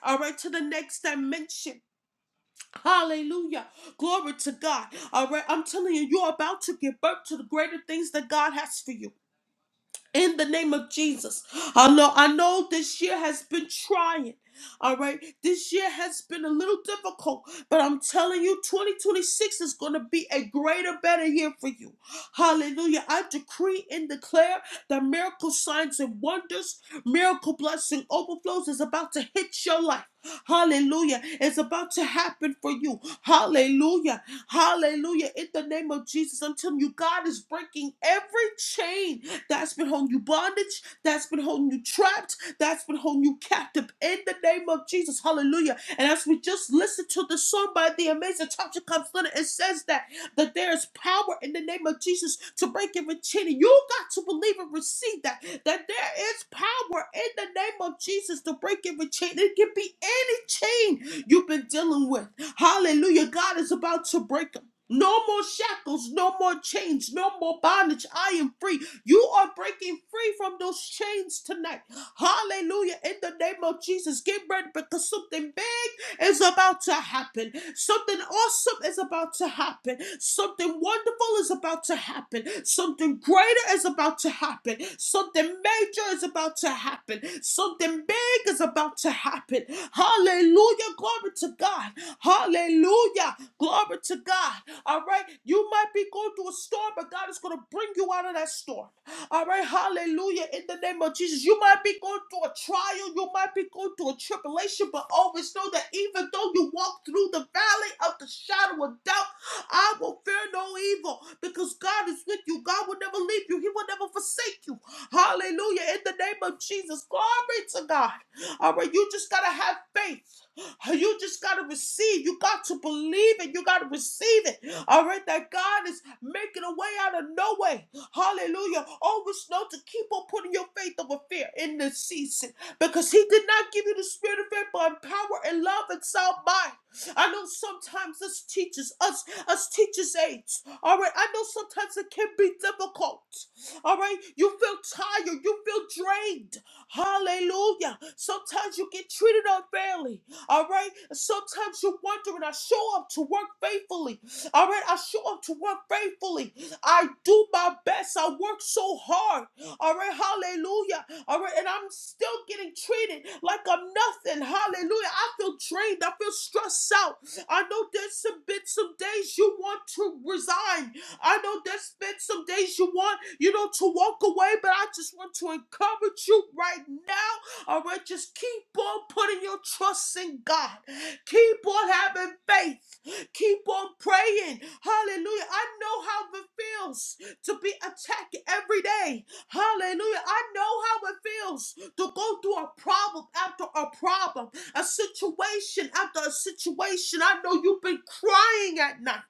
all right, to the next dimension. Hallelujah. Glory to God. All right. I'm telling you, you're about to give birth to the greater things that God has for you in the name of Jesus. I know, I know this year has been trying. All right, this year has been a little difficult, but I'm telling you, 2026 is going to be a greater, better year for you. Hallelujah. I decree and declare that miracle signs and wonders, miracle blessing overflows is about to hit your life. Hallelujah. It's about to happen for you. Hallelujah. Hallelujah. In the name of Jesus, I'm telling you, God is breaking every chain that's been holding you bondage, that's been holding you trapped, that's been holding you captive. In the name of Jesus. Hallelujah. And as we just listened to the song by the amazing Tasha Cobbs Leonard, it says that that there's power in the name of Jesus to break every chain. You got to believe and receive that, that there is power in the name of Jesus to break every chain. It can be any chain you've been dealing with. Hallelujah. God is about to break them. No more shackles, no more chains, no more bondage. I am free. You are breaking free from those chains tonight. Hallelujah. In the name of Jesus, get ready because something big is about to happen. Something awesome is about to happen. Something wonderful is about to happen. Something greater is about to happen. Something major is about to happen. Something big is about to happen. Hallelujah. Glory to God. Hallelujah. Glory to God. All right. You might be going through a storm, but God is God's going to bring you out of that storm. All right, hallelujah. In the name of Jesus, you might be going through a trial, you might be going through a tribulation, but always know that even though you walk through the valley of the shadow of doubt, I will fear no evil because God is with you. God will never leave you, He will never forsake you. Hallelujah. In the name of Jesus, glory to God. All right, you just got to have faith. You just got to receive. You got to believe it. You got to receive it. All right, that God God is making a way out of no way. Hallelujah. Always know to keep on putting your faith over fear in this season because He did not give you the spirit of fear, but power and love and sound mind. I know sometimes us teachers, us us teachers' aides, all right. I know sometimes it can be difficult, all right. You feel tired, you feel drained. Hallelujah. Sometimes you get treated unfairly, all right. Sometimes you're wondering, I show up to work faithfully, all right, I show up to work faithfully. I do my best. I work so hard. All right, hallelujah. All right, and I'm still getting treated like I'm nothing. Hallelujah. I feel drained. I feel stressed out. I know there's some been some days you want to resign. I know there's been some days you want, you know, to walk away, but I just want to encourage you right now. All right, just keep on putting your trust in God. Keep on having faith. Keep on praying. Hallelujah. I know how it feels to be attacked every day. Hallelujah. I know how it feels to go through a problem after a problem, a situation after a situation. I know you've been crying at night.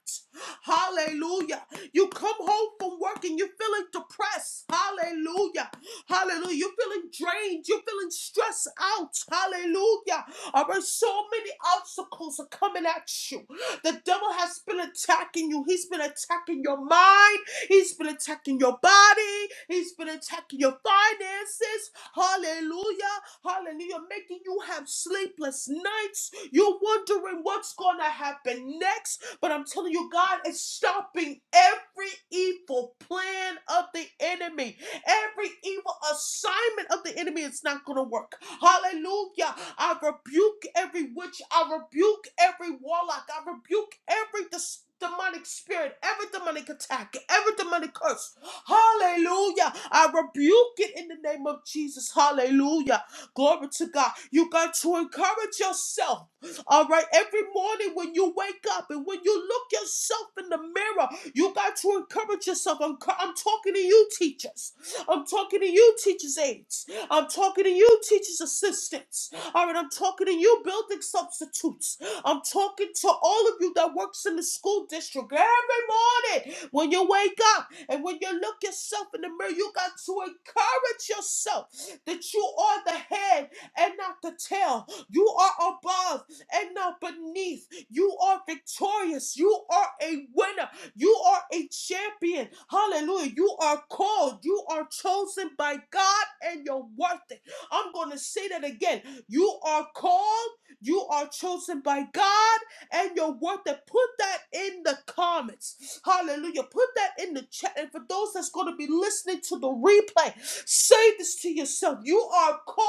Hallelujah. You come home from work and you're feeling depressed. Hallelujah. Hallelujah. You're feeling drained. You're feeling stressed out. Hallelujah. All right, so many obstacles are coming at you. The devil has been attacking you. He's been attacking your mind. He's been attacking your body. He's been attacking your finances. Hallelujah. Hallelujah. Making you have sleepless nights. You're wondering what's going to happen next. But I'm telling you, God is stopping every evil plan of the enemy. Every evil assignment of the enemy is not going to work. Hallelujah. I rebuke every witch. I rebuke every warlock. I rebuke every dis- demonic spirit, every demonic attack, every demonic curse. Hallelujah. I rebuke it in the name of Jesus. Hallelujah. Glory to God. You got to encourage yourself. All right. Every morning when you wake up and when you look yourself in the mirror, you got to encourage yourself. I'm, I'm talking to you, teachers. I'm talking to you, teachers' aides. I'm talking to you, teachers' assistants. All right, I'm talking to you, building substitutes. I'm talking to all of you that works in the school district every morning when you wake up and when you look yourself in the mirror, you got to encourage yourself that you are the head and not the tail. You are above and not beneath. You are victorious. You are a winner. You are a champion. Hallelujah. You are called. You are chosen by God and you're worth it. I'm going to say that again. You are called. You are chosen by God and you're worth it. Put that in the comments. Hallelujah. Put that in the chat. And for those that's going to be listening to the replay, say this to yourself. You are called.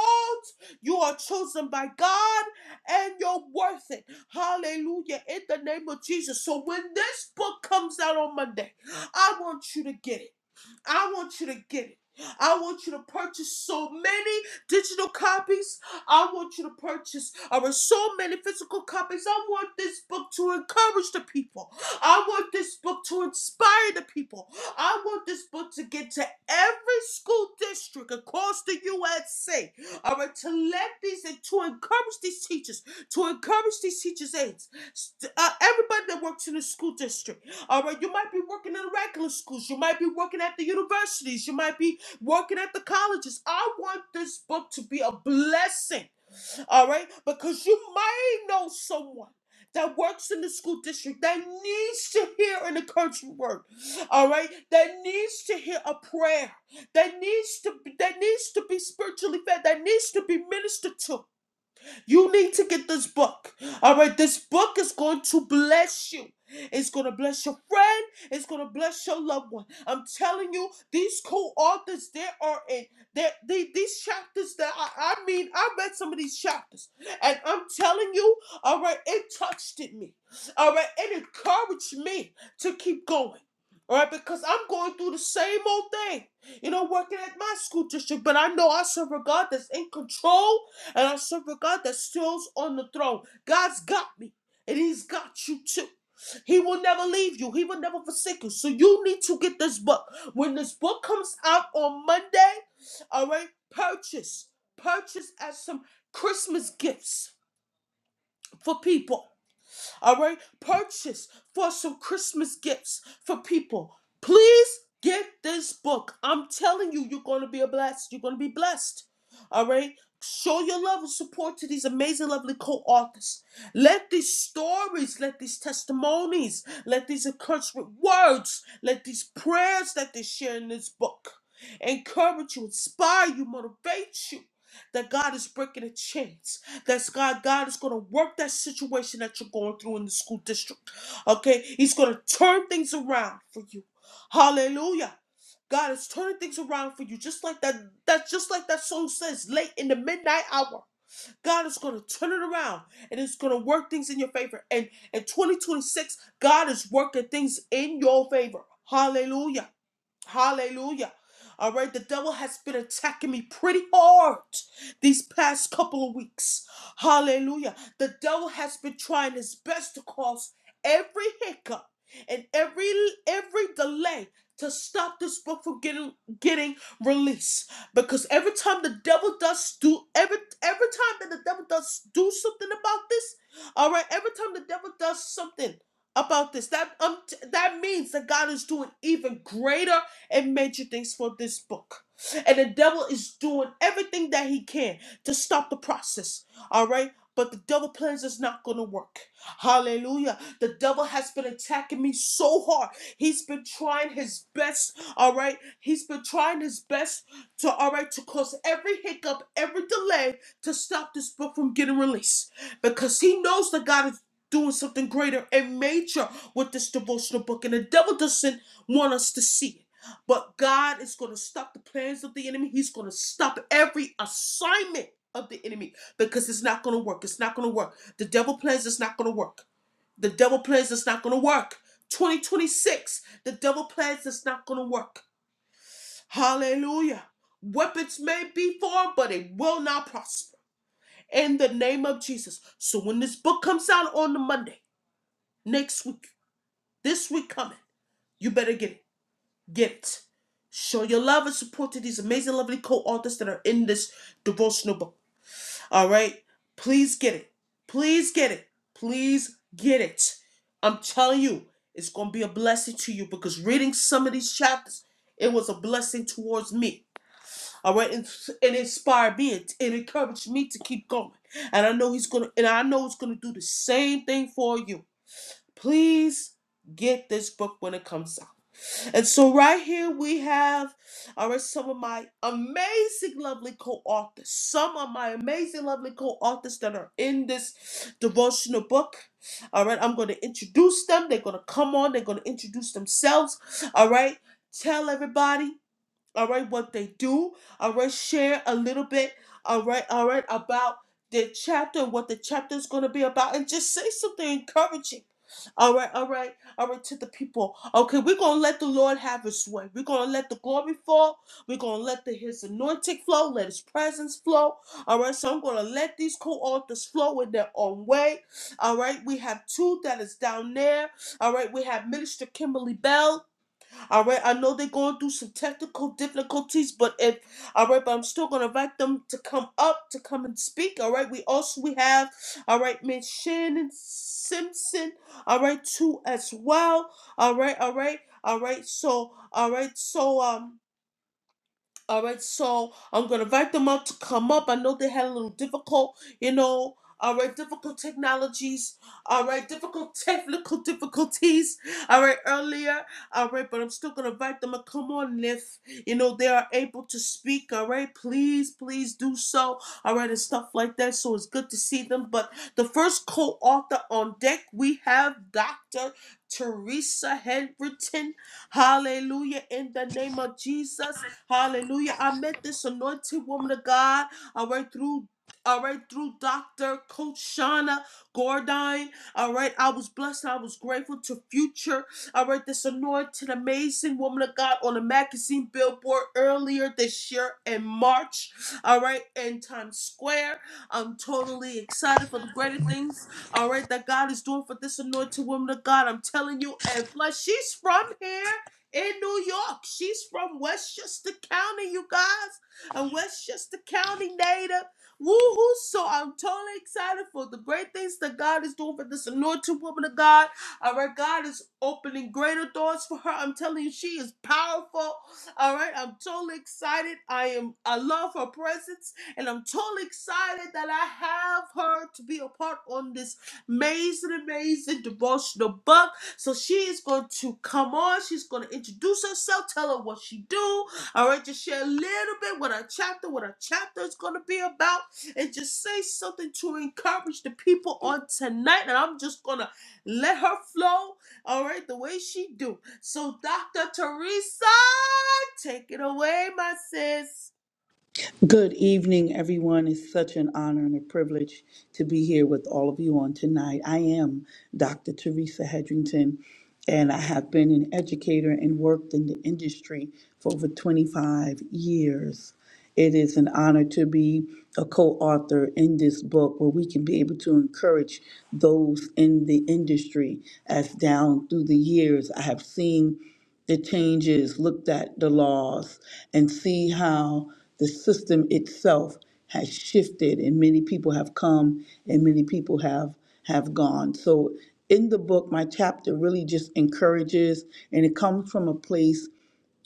You are chosen by God and you're worth it. Hallelujah. In the name of Jesus. So when this book comes out on Monday, I want you to get it. I want you to get it. I want you to purchase so many digital copies. I want you to purchase over so many physical copies. I want this book to encourage the people. I want this book to inspire the people. I want this book to get to every school district across the USA. All right, to let these and to encourage these teachers, to encourage these teachers' aides, st- uh, everybody that works in the school district. All right, you might be working in the regular schools. You might be working at the universities. You might be working at the colleges. I want this book to be a blessing. All right, because you might know someone that works in the school district that needs to hear an encouragement word. All right, that needs to hear a prayer. That needs to be, that needs to be spiritually fed. That needs to be ministered to. You need to get this book. All right, this book is going to bless you. It's going to bless your friend. It's going to bless your loved one. I'm telling you, these co-authors, they are in they, they, these chapters that I, I mean, I read some of these chapters. And I'm telling you, all right, it touched in me. All right, it encouraged me to keep going. All right, because I'm going through the same old thing. You know, working at my school district, but I know I serve a God that's in control and I serve a God that stills on the throne. God's got me, and He's got you too. He will never leave you. He will never forsake you. So you need to get this book. When this book comes out on Monday, all right, purchase. Purchase as some Christmas gifts for people. All right, purchase for some Christmas gifts for people. Please get this book. I'm telling you, you're going to be a blessed. You're going to be blessed. All right. Show your love and support to these amazing, lovely co-authors. Let these stories, let these testimonies, let these encouragement words, let these prayers that they share in this book encourage you, inspire you, motivate you that God is breaking the chains. That's God. God is going to work that situation that you're going through in the school district. Okay, He's going to turn things around for you. Hallelujah. God is turning things around for you, just like that. That's just like that song says, late in the midnight hour. God is going to turn it around, and it's going to work things in your favor. And in 2026, God is working things in your favor. Hallelujah. Hallelujah. All right, the devil has been attacking me pretty hard these past couple of weeks. Hallelujah. The devil has been trying his best to cause every hiccup and every every delay to stop this book from getting getting released. Because every time the devil does do every every time that the devil does do something about this, all right, every time the devil does something about this, that um, that means that God is doing even greater and major things for this book. And the devil is doing everything that he can to stop the process. All right? But the devil plans is not going to work. Hallelujah. The devil has been attacking me so hard. He's been trying his best, all right? He's been trying his best to, all right, to cause every hiccup, every delay to stop this book from getting released. Because he knows that God is doing something greater and major with this devotional book. And the devil doesn't want us to see it. But God is going to stop the plans of the enemy. He's going to stop every assignment of the enemy because it's not going to work. It's not going to work. The devil plans it's not going to work. The devil plans it's not going to work. 2026, the devil plans it's not going to work. Hallelujah. Weapons may be formed, but it will not prosper. In the name of Jesus. So when this book comes out on the Monday, next week, this week coming, you better get it. gift. Show your love and support to these amazing, lovely co-authors that are in this devotional book. All right, please get it. Please get it. Please get it. I'm telling you, it's gonna be a blessing to you because reading some of these chapters, it was a blessing towards me. All right, and it inspired me. It, it encouraged me to keep going. And I know he's gonna, and I know it's gonna do the same thing for you. Please get this book when it comes out. And so, right here, we have all right, some of my amazing, lovely co authors, some of my amazing, lovely co authors that are in this devotional book. All right, I'm going to introduce them. They're going to come on, they're going to introduce themselves. All right, tell everybody all right, what they do, all right, share a little bit, all right, all right, about the chapter, what the chapter is going to be about, and just say something encouraging. All right, all right, all right, to the people. Okay, we're going to let the Lord have his way. We're going to let the glory fall. We're going to let the, his anointing flow, let his presence flow. All right, so I'm going to let these co-authors flow in their own way. All right, we have two that is down there. All right, we have Minister Kimberly Bell. All right, I know they're going through some technical difficulties, but if all right, but I'm still gonna invite them to come up to come and speak. All right, we also we have all right, Miss Shannon Simpson. All right, too as well. All right, all right, all right. So all right, so um. All right, so I'm gonna invite them up to come up. I know they had a little difficult, you know. All right, difficult technologies. All right, difficult technical difficulties. All right, earlier. All right, but I'm still gonna invite them to come on if you know they are able to speak. All right, please, please do so. All right, and stuff like that. So it's good to see them. But the first co-author on deck we have Dr. Teresa Henderson. Hallelujah! In the name of Jesus. Hallelujah. I met this anointed woman of God. All right, through. All right, through Dr. Coach Shauna Gordine. All right, I was blessed. I was grateful to Future. All right, this anointed, amazing woman of God on a magazine billboard earlier this year in March. All right, in Times Square. I'm totally excited for the greater things all right, that God is doing for this anointed woman of God. I'm telling you, and plus, she's from here in New York. She's from Westchester County, you guys. A Westchester County native. Woo hoo! So I'm totally excited for the great things that God is doing for this anointed woman of God. All right, God is opening greater doors for her. I'm telling you, she is powerful. All right, I'm totally excited. I am. I love her presence, and I'm totally excited that I have her to be a part on this amazing, amazing devotional book. So she is going to come on. She's going to introduce herself, tell her what she do. All right, just share a little bit what her chapter, what her chapter is going to be about, and just say something to encourage the people on tonight. And I'm just going to let her flow. All right, the way she do. So Dr. Teresa, take it away, my sis.
Good evening, everyone. It's such an honor and a privilege to be here with all of you on tonight. I am Dr. Teresa Hedrington, and I have been an educator and worked in the industry for over 25 years. It is an honor to be a co author in this book where we can be able to encourage those in the industry as down through the years I have seen the changes, looked at the laws, and see how the system itself has shifted and many people have come and many people have have gone. So in the book, my chapter really just encourages and it comes from a place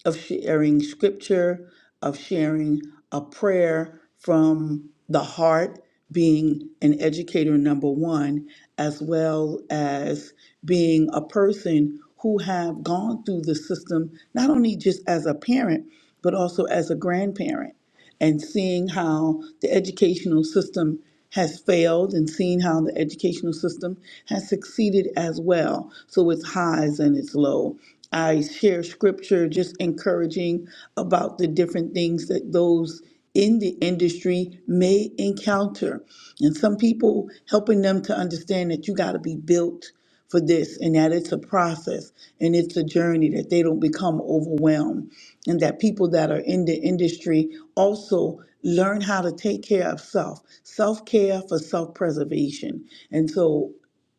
of sharing scripture, of sharing a prayer from the heart, being an educator, number one, as well as being a person who have gone through the system, not only just as a parent, but also as a grandparent and seeing how the educational system has failed and seeing how the educational system has succeeded as well. So it's highs and it's low. I share scripture just encouraging about the different things that those in the industry may encounter. And some people helping them to understand that you got to be built for this and that it's a process and it's a journey that they don't become overwhelmed and that people that are in the industry also learn how to take care of self self-care for self-preservation and so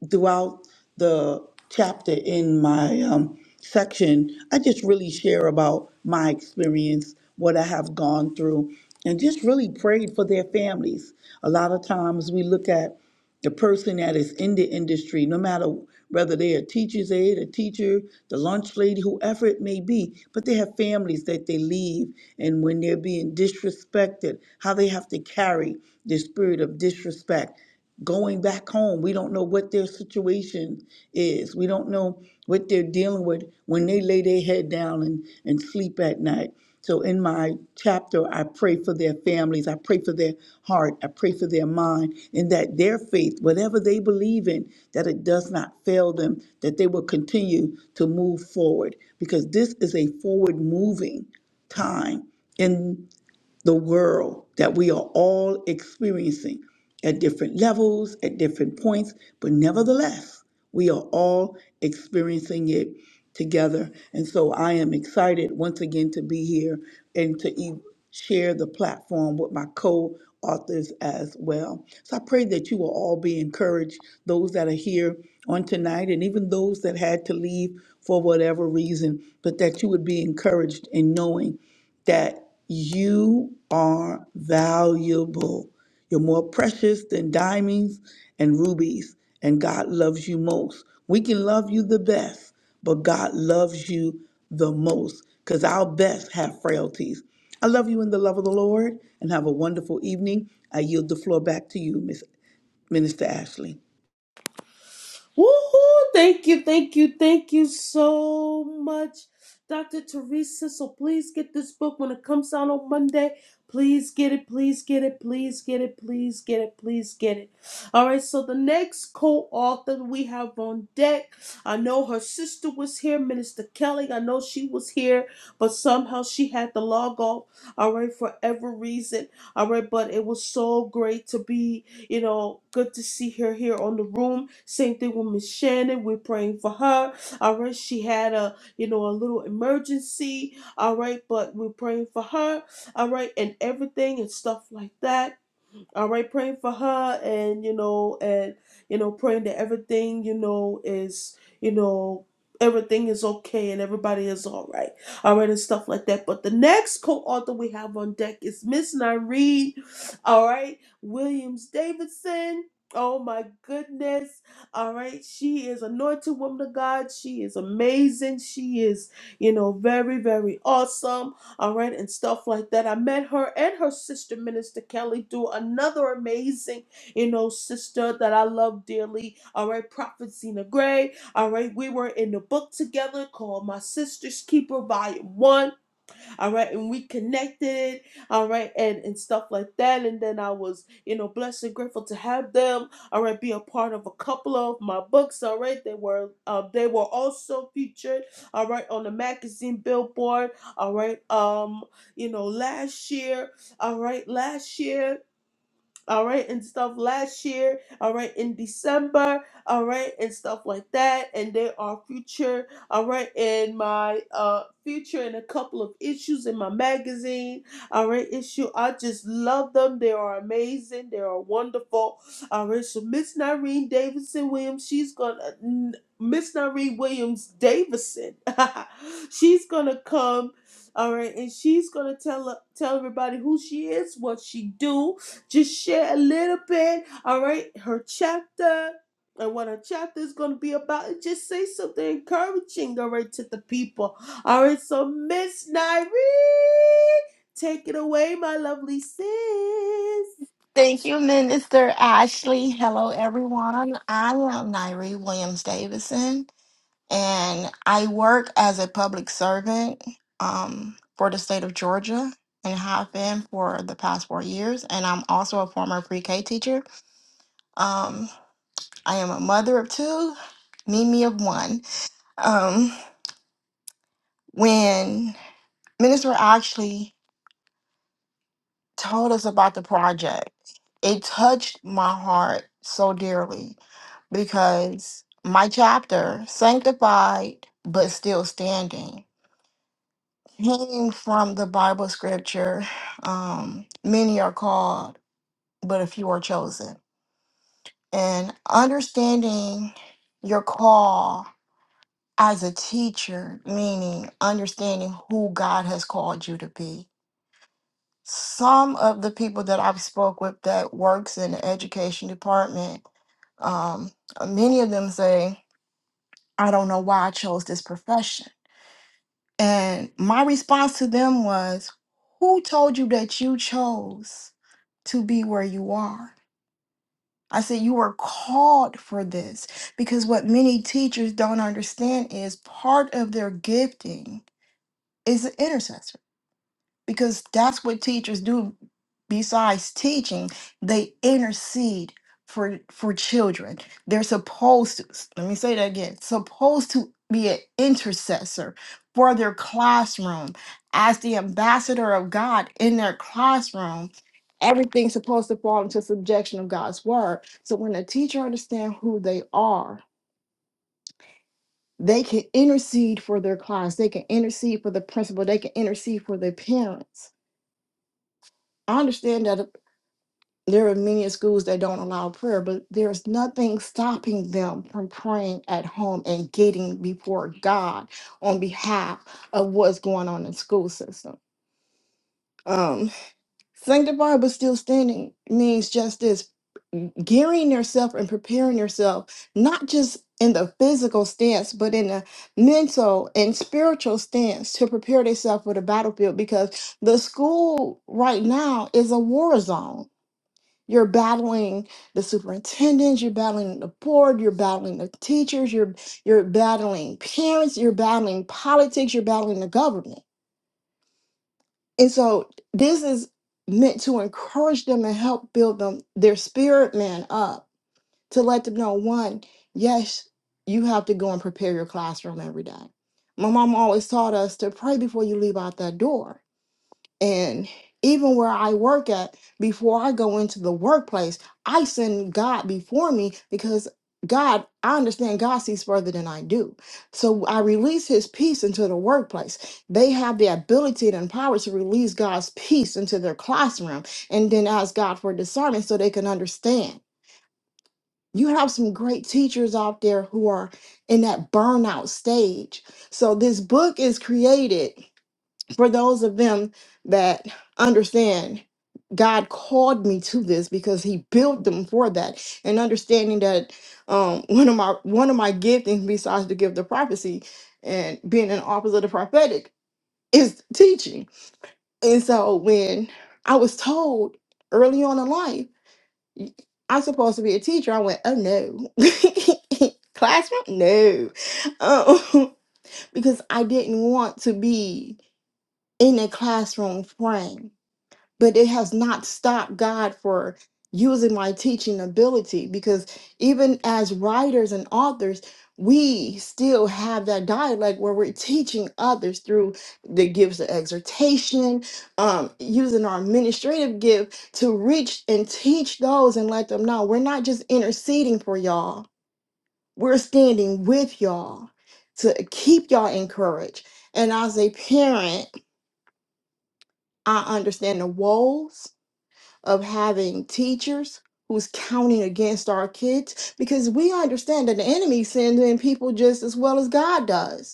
throughout the chapter in my um, section i just really share about my experience what i have gone through and just really prayed for their families a lot of times we look at the person that is in the industry, no matter whether they are a teacher's aide, a teacher, the lunch lady, whoever it may be, but they have families that they leave. And when they're being disrespected, how they have to carry the spirit of disrespect. Going back home, we don't know what their situation is. We don't know what they're dealing with when they lay their head down and, and sleep at night. So in my chapter, I pray for their families, I pray for their heart, I pray for their mind, and that their faith, whatever they believe in, that it does not fail them, that they will continue to move forward because this is a forward moving time. In the world that we are all experiencing at different levels, at different points, but nevertheless, we are all experiencing it together. And so I am excited once again to be here and to e- share the platform with my co authors as well. So I pray that you will all be encouraged, those that are here on tonight, and even those that had to leave for whatever reason, but that you would be encouraged in knowing that you are valuable. You're more precious than diamonds and rubies, and God loves you most. We can love you the best, but God loves you the most because our best have frailties. I love you in the love of the Lord and have a wonderful evening. I yield the floor back to you, Miss Minister Ashley.
Woo! Thank you, thank you, thank you so much, Dr. Teresa. So please get this book when it comes out on Monday. Please get it, please get it, please get it, please get it, please get it. All right, so the next co author we have on deck, I know her sister was here, Minister Kelly. I know she was here, but somehow she had to log off, all right, for every reason. All right, but it was so great to be you know, good to see her here on the room. Same thing with Miss Shannon. We're praying for her. All right, she had a you know a little emergency. All right, but we're praying for her. All right, and everything and stuff like that all right praying for her and you know and you know praying that everything you know is you know everything is okay and everybody is all right all right and stuff like that but the next co-author we have on deck is miss Nyree all right williams davidson oh my goodness all right she is anointed woman of god she is amazing she is you know very very awesome all right, and stuff like that. I met her and her sister, Minister Kelly, do another amazing, you know, sister that I love dearly, all right, Prophet Zena Gray, all right. We were in the book together called My Sister's Keeper, Volume 1 all right and we connected all right and and stuff like that and then i was you know blessed and grateful to have them all right be a part of a couple of my books all right they were um they were also featured all right on the magazine billboard all right um you know last year all right last year all right, and stuff last year, all right, in December, all right, and stuff like that. And there are future, all right, and my uh future and a couple of issues in my magazine, all right, issue. I just love them. They are amazing. They are wonderful. All right, so Miss Nareen Davidson Williams, she's gonna n- Miss Nareen Williams Davidson, she's gonna come. All right, and she's gonna tell tell everybody who she is, what she do, just share a little bit, all right? Her chapter and what her chapter is going to be about. And just say something encouraging, all right, to the people. All right, so Miss Nairi, take it away, my lovely sis.
Thank you, Minister Ashley. Hello, everyone. I am Nairi Williams Davison, and I work as a public servant um, for the state of Georgia and have been for the past four years. And I'm also a former pre K teacher. Um, I am a mother of two, Mimi of one. Um, when Minister Ashley told us about the project, it touched my heart so dearly because my chapter, Sanctified but Still Standing, came from the Bible scripture um, Many are called, but a few are chosen. And understanding your call as a teacher, meaning understanding who God has called you to be some of the people that I've spoke with that works in the education department, um, many of them say, "I don't know why I chose this profession." And my response to them was, "Who told you that you chose to be where you are?" I said, "You were called for this because what many teachers don't understand is part of their gifting is an intercessor." because that's what teachers do besides teaching they intercede for for children they're supposed to let me say that again supposed to be an intercessor for their classroom as the ambassador of god in their classroom everything's supposed to fall into subjection of god's word so when a teacher understands who they are they can intercede for their class they can intercede for the principal they can intercede for their parents I understand that There are many schools that don't allow prayer, but there's nothing stopping them from praying at home and getting before God on behalf of what's going on in the school system. Um, sanctified but still standing means just this gearing yourself and preparing yourself, not just in the physical stance, but in a mental and spiritual stance to prepare yourself for the battlefield because the school right now is a war zone you're battling the superintendents, you're battling the board, you're battling the teachers, you're you're battling parents, you're battling politics, you're battling the government. And so this is meant to encourage them and help build them their spirit man up to let them know one, yes, you have to go and prepare your classroom every day. My mom always taught us to pray before you leave out that door. And even where I work at, before I go into the workplace, I send God before me because God, I understand God sees further than I do. So I release his peace into the workplace. They have the ability and power to release God's peace into their classroom and then ask God for discernment so they can understand. You have some great teachers out there who are in that burnout stage. So this book is created for those of them that understand God called me to this because he built them for that and understanding that um one of my one of my giftings besides the gift of prophecy and being an officer of the prophetic is teaching. And so when I was told early on in life y- I'm supposed to be a teacher, I went, oh no. Classroom? No. Um, because I didn't want to be in a classroom frame but it has not stopped God for using my teaching ability because even as writers and authors, we still have that dialect where we're teaching others through the gifts of exhortation, um, using our administrative gift to reach and teach those and let them know we're not just interceding for y'all, we're standing with y'all to keep y'all encouraged. And as a parent, I understand the woes of having teachers who's counting against our kids because we understand that the enemy sends in people just as well as God does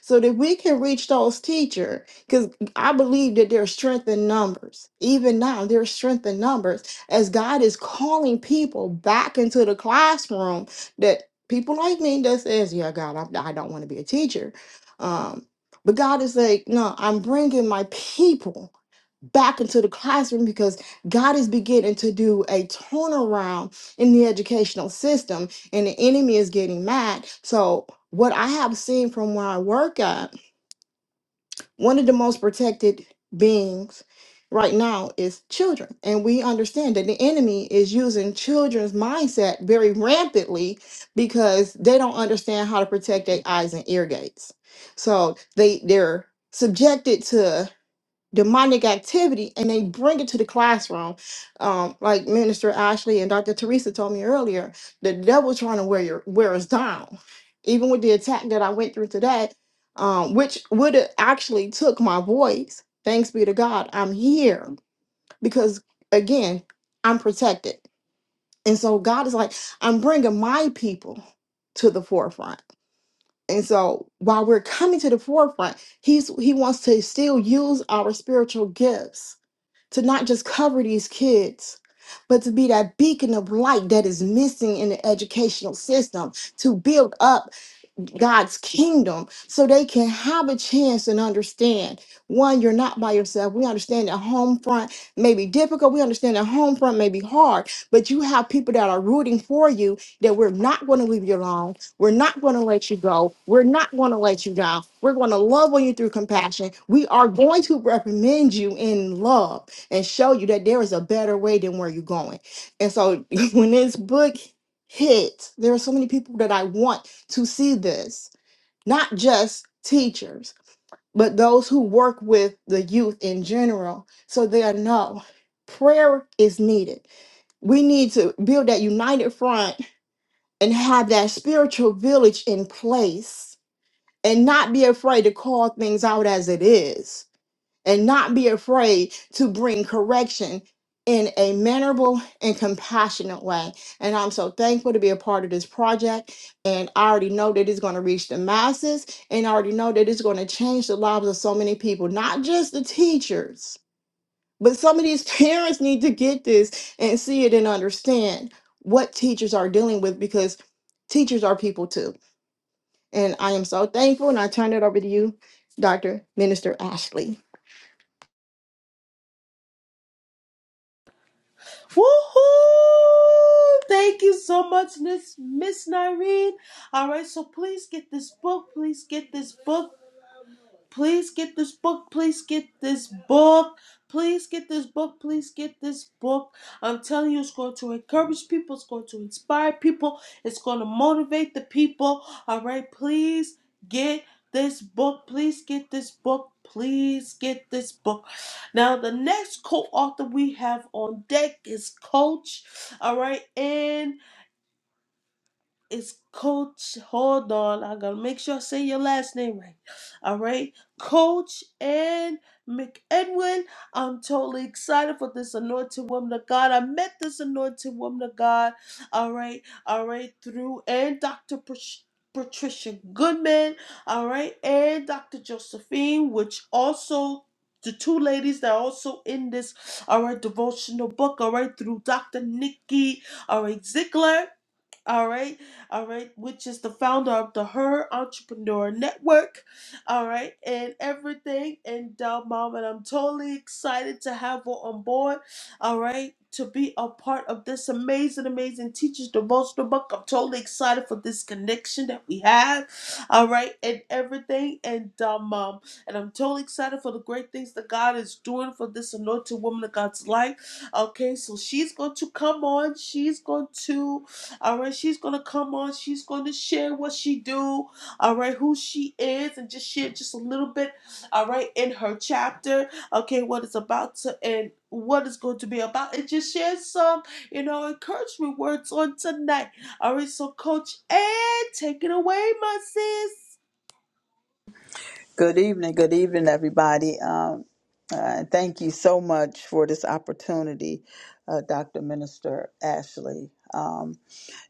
so that we can reach those teachers. Because I believe that there's strength in numbers. Even now, there's strength in numbers as God is calling people back into the classroom that people like me that says, yeah, God, I, I don't want to be a teacher. Um, but God is like, no, I'm bringing my people back into the classroom because God is beginning to do a turnaround in the educational system and the enemy is getting mad. So what I have seen from where I work at, one of the most protected beings right now is children. And we understand that the enemy is using children's mindset very rampantly because they don't understand how to protect their eyes and ear gates. So they they're subjected to demonic activity and they bring it to the classroom. Um, like Minister Ashley and Dr. Teresa told me earlier, the devil trying to wear your wear us down. Even with the attack that I went through today, um, which would have actually took my voice. Thanks be to God, I'm here because again, I'm protected. And so God is like, I'm bringing my people to the forefront. And so while we're coming to the forefront, he's he wants to still use our spiritual gifts to not just cover these kids, but to be that beacon of light that is missing in the educational system, to build up God's kingdom so they can have a chance and understand one, you're not by yourself. We understand that home front may be difficult. We understand that home front may be hard, but you have people that are rooting for you that we're not going to leave you alone. We're not going to let you go. We're not going to let you down. We're going to love on you through compassion. We are going to recommend you in love and show you that there is a better way than where you're going. And so when this book hits, there are so many people that I want to see this, not just teachers, but those who work with the youth in general, so they know prayer is needed. We need to build that united front and have that spiritual village in place and not be afraid to call things out as it is and not be afraid to bring correction in a mannerable and compassionate way. And I'm so thankful to be a part of this project. And I already know that it's going to reach the masses, and I already know that it's going to change the lives of so many people, not just the teachers, but some of these parents need to get this and see it and understand what teachers are dealing with because teachers are people too. And I am so thankful, and I turn it over to you, Dr. Minister Ashley.
Woohoo! Thank you so much, Miss Miss Nyreen. All right, so please get this book. Please get this book. Please get this book. Please get this book. Please get this book. Please get this book. I'm telling you, it's going to encourage people. It's going to inspire people. It's going to motivate the people. All right. Please get this book. Please get this book. Please get this book. Now, the next co author we have on deck is Coach. All right. and. It's Coach. Hold on. I gotta make sure I say your last name right. All right, Coach and McEdwin. I'm totally excited for this anointed woman of God. I met this anointed woman of God. All right, all right, through and Dr. Patricia. Patricia Goodman, all right, and Dr. Josephine, which also the two ladies that are also in this, all right, devotional book, all right, through Dr. Nikki, all right, Ziegler, all right, all right, which is the founder of the Her Entrepreneur Network. All right, and everything. And uh, mom, and I'm totally excited to have her on board. All right, to be a part of this amazing, amazing Teachers Devotional Book. I'm totally excited for this connection that we have. All right, and everything. And uh, mom, and I'm totally excited for the great things that God is doing for this anointed woman of God's life. Okay, so she's going to come on. She's going to. All right, she's gonna come on. She's gonna share what she do. All right, who she is, and just share just a little bit. All right, in her chapter. Okay, what it's about to and what it's going to be about, and just share some, you know, encouragement words on tonight. All right, so Coach Ed, take it away, my sis.
Good evening, good evening, everybody. Um, uh, thank you so much for this opportunity, uh, Dr. Minister Ashley. Um,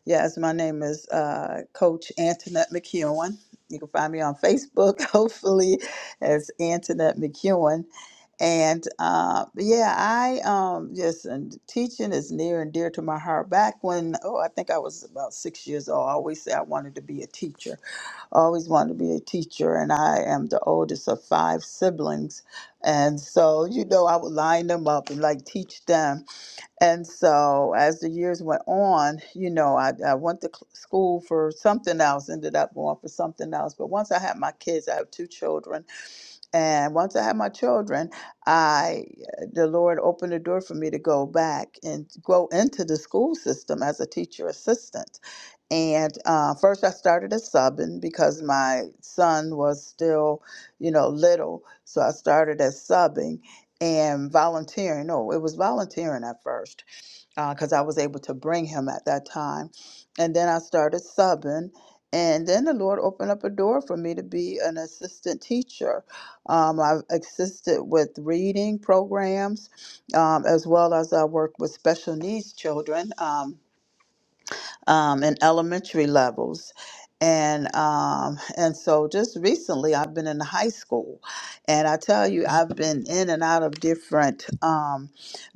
yes, my name is uh, Coach Antoinette McEwen. You can find me on Facebook, hopefully, as Antoinette McEwen. And uh, yeah, I um, just and teaching is near and dear to my heart. Back when oh, I think I was about six years old. I always say I wanted to be a teacher. I always wanted to be a teacher, and I am the oldest of five siblings. And so, you know, I would line them up and like teach them. And so, as the years went on, you know, I, I went to cl- school for something else, ended up going for something else. But once I had my kids, I have two children and once I had my children, I uh, the Lord opened the door for me to go back and go into the school system as a teacher assistant. And uh, first, I started as subbing because my son was still, you know, little. So I started as subbing and volunteering. No, it was volunteering at first because I was able to bring him at that time. And then I started subbing. And then the Lord opened up a door for me to be an assistant teacher. Um, I've assisted with reading programs um, as well as I worked with special needs children. Um, um, in elementary levels. And um, and so just recently, I've been in high school, and I tell you, I've been in and out of different um,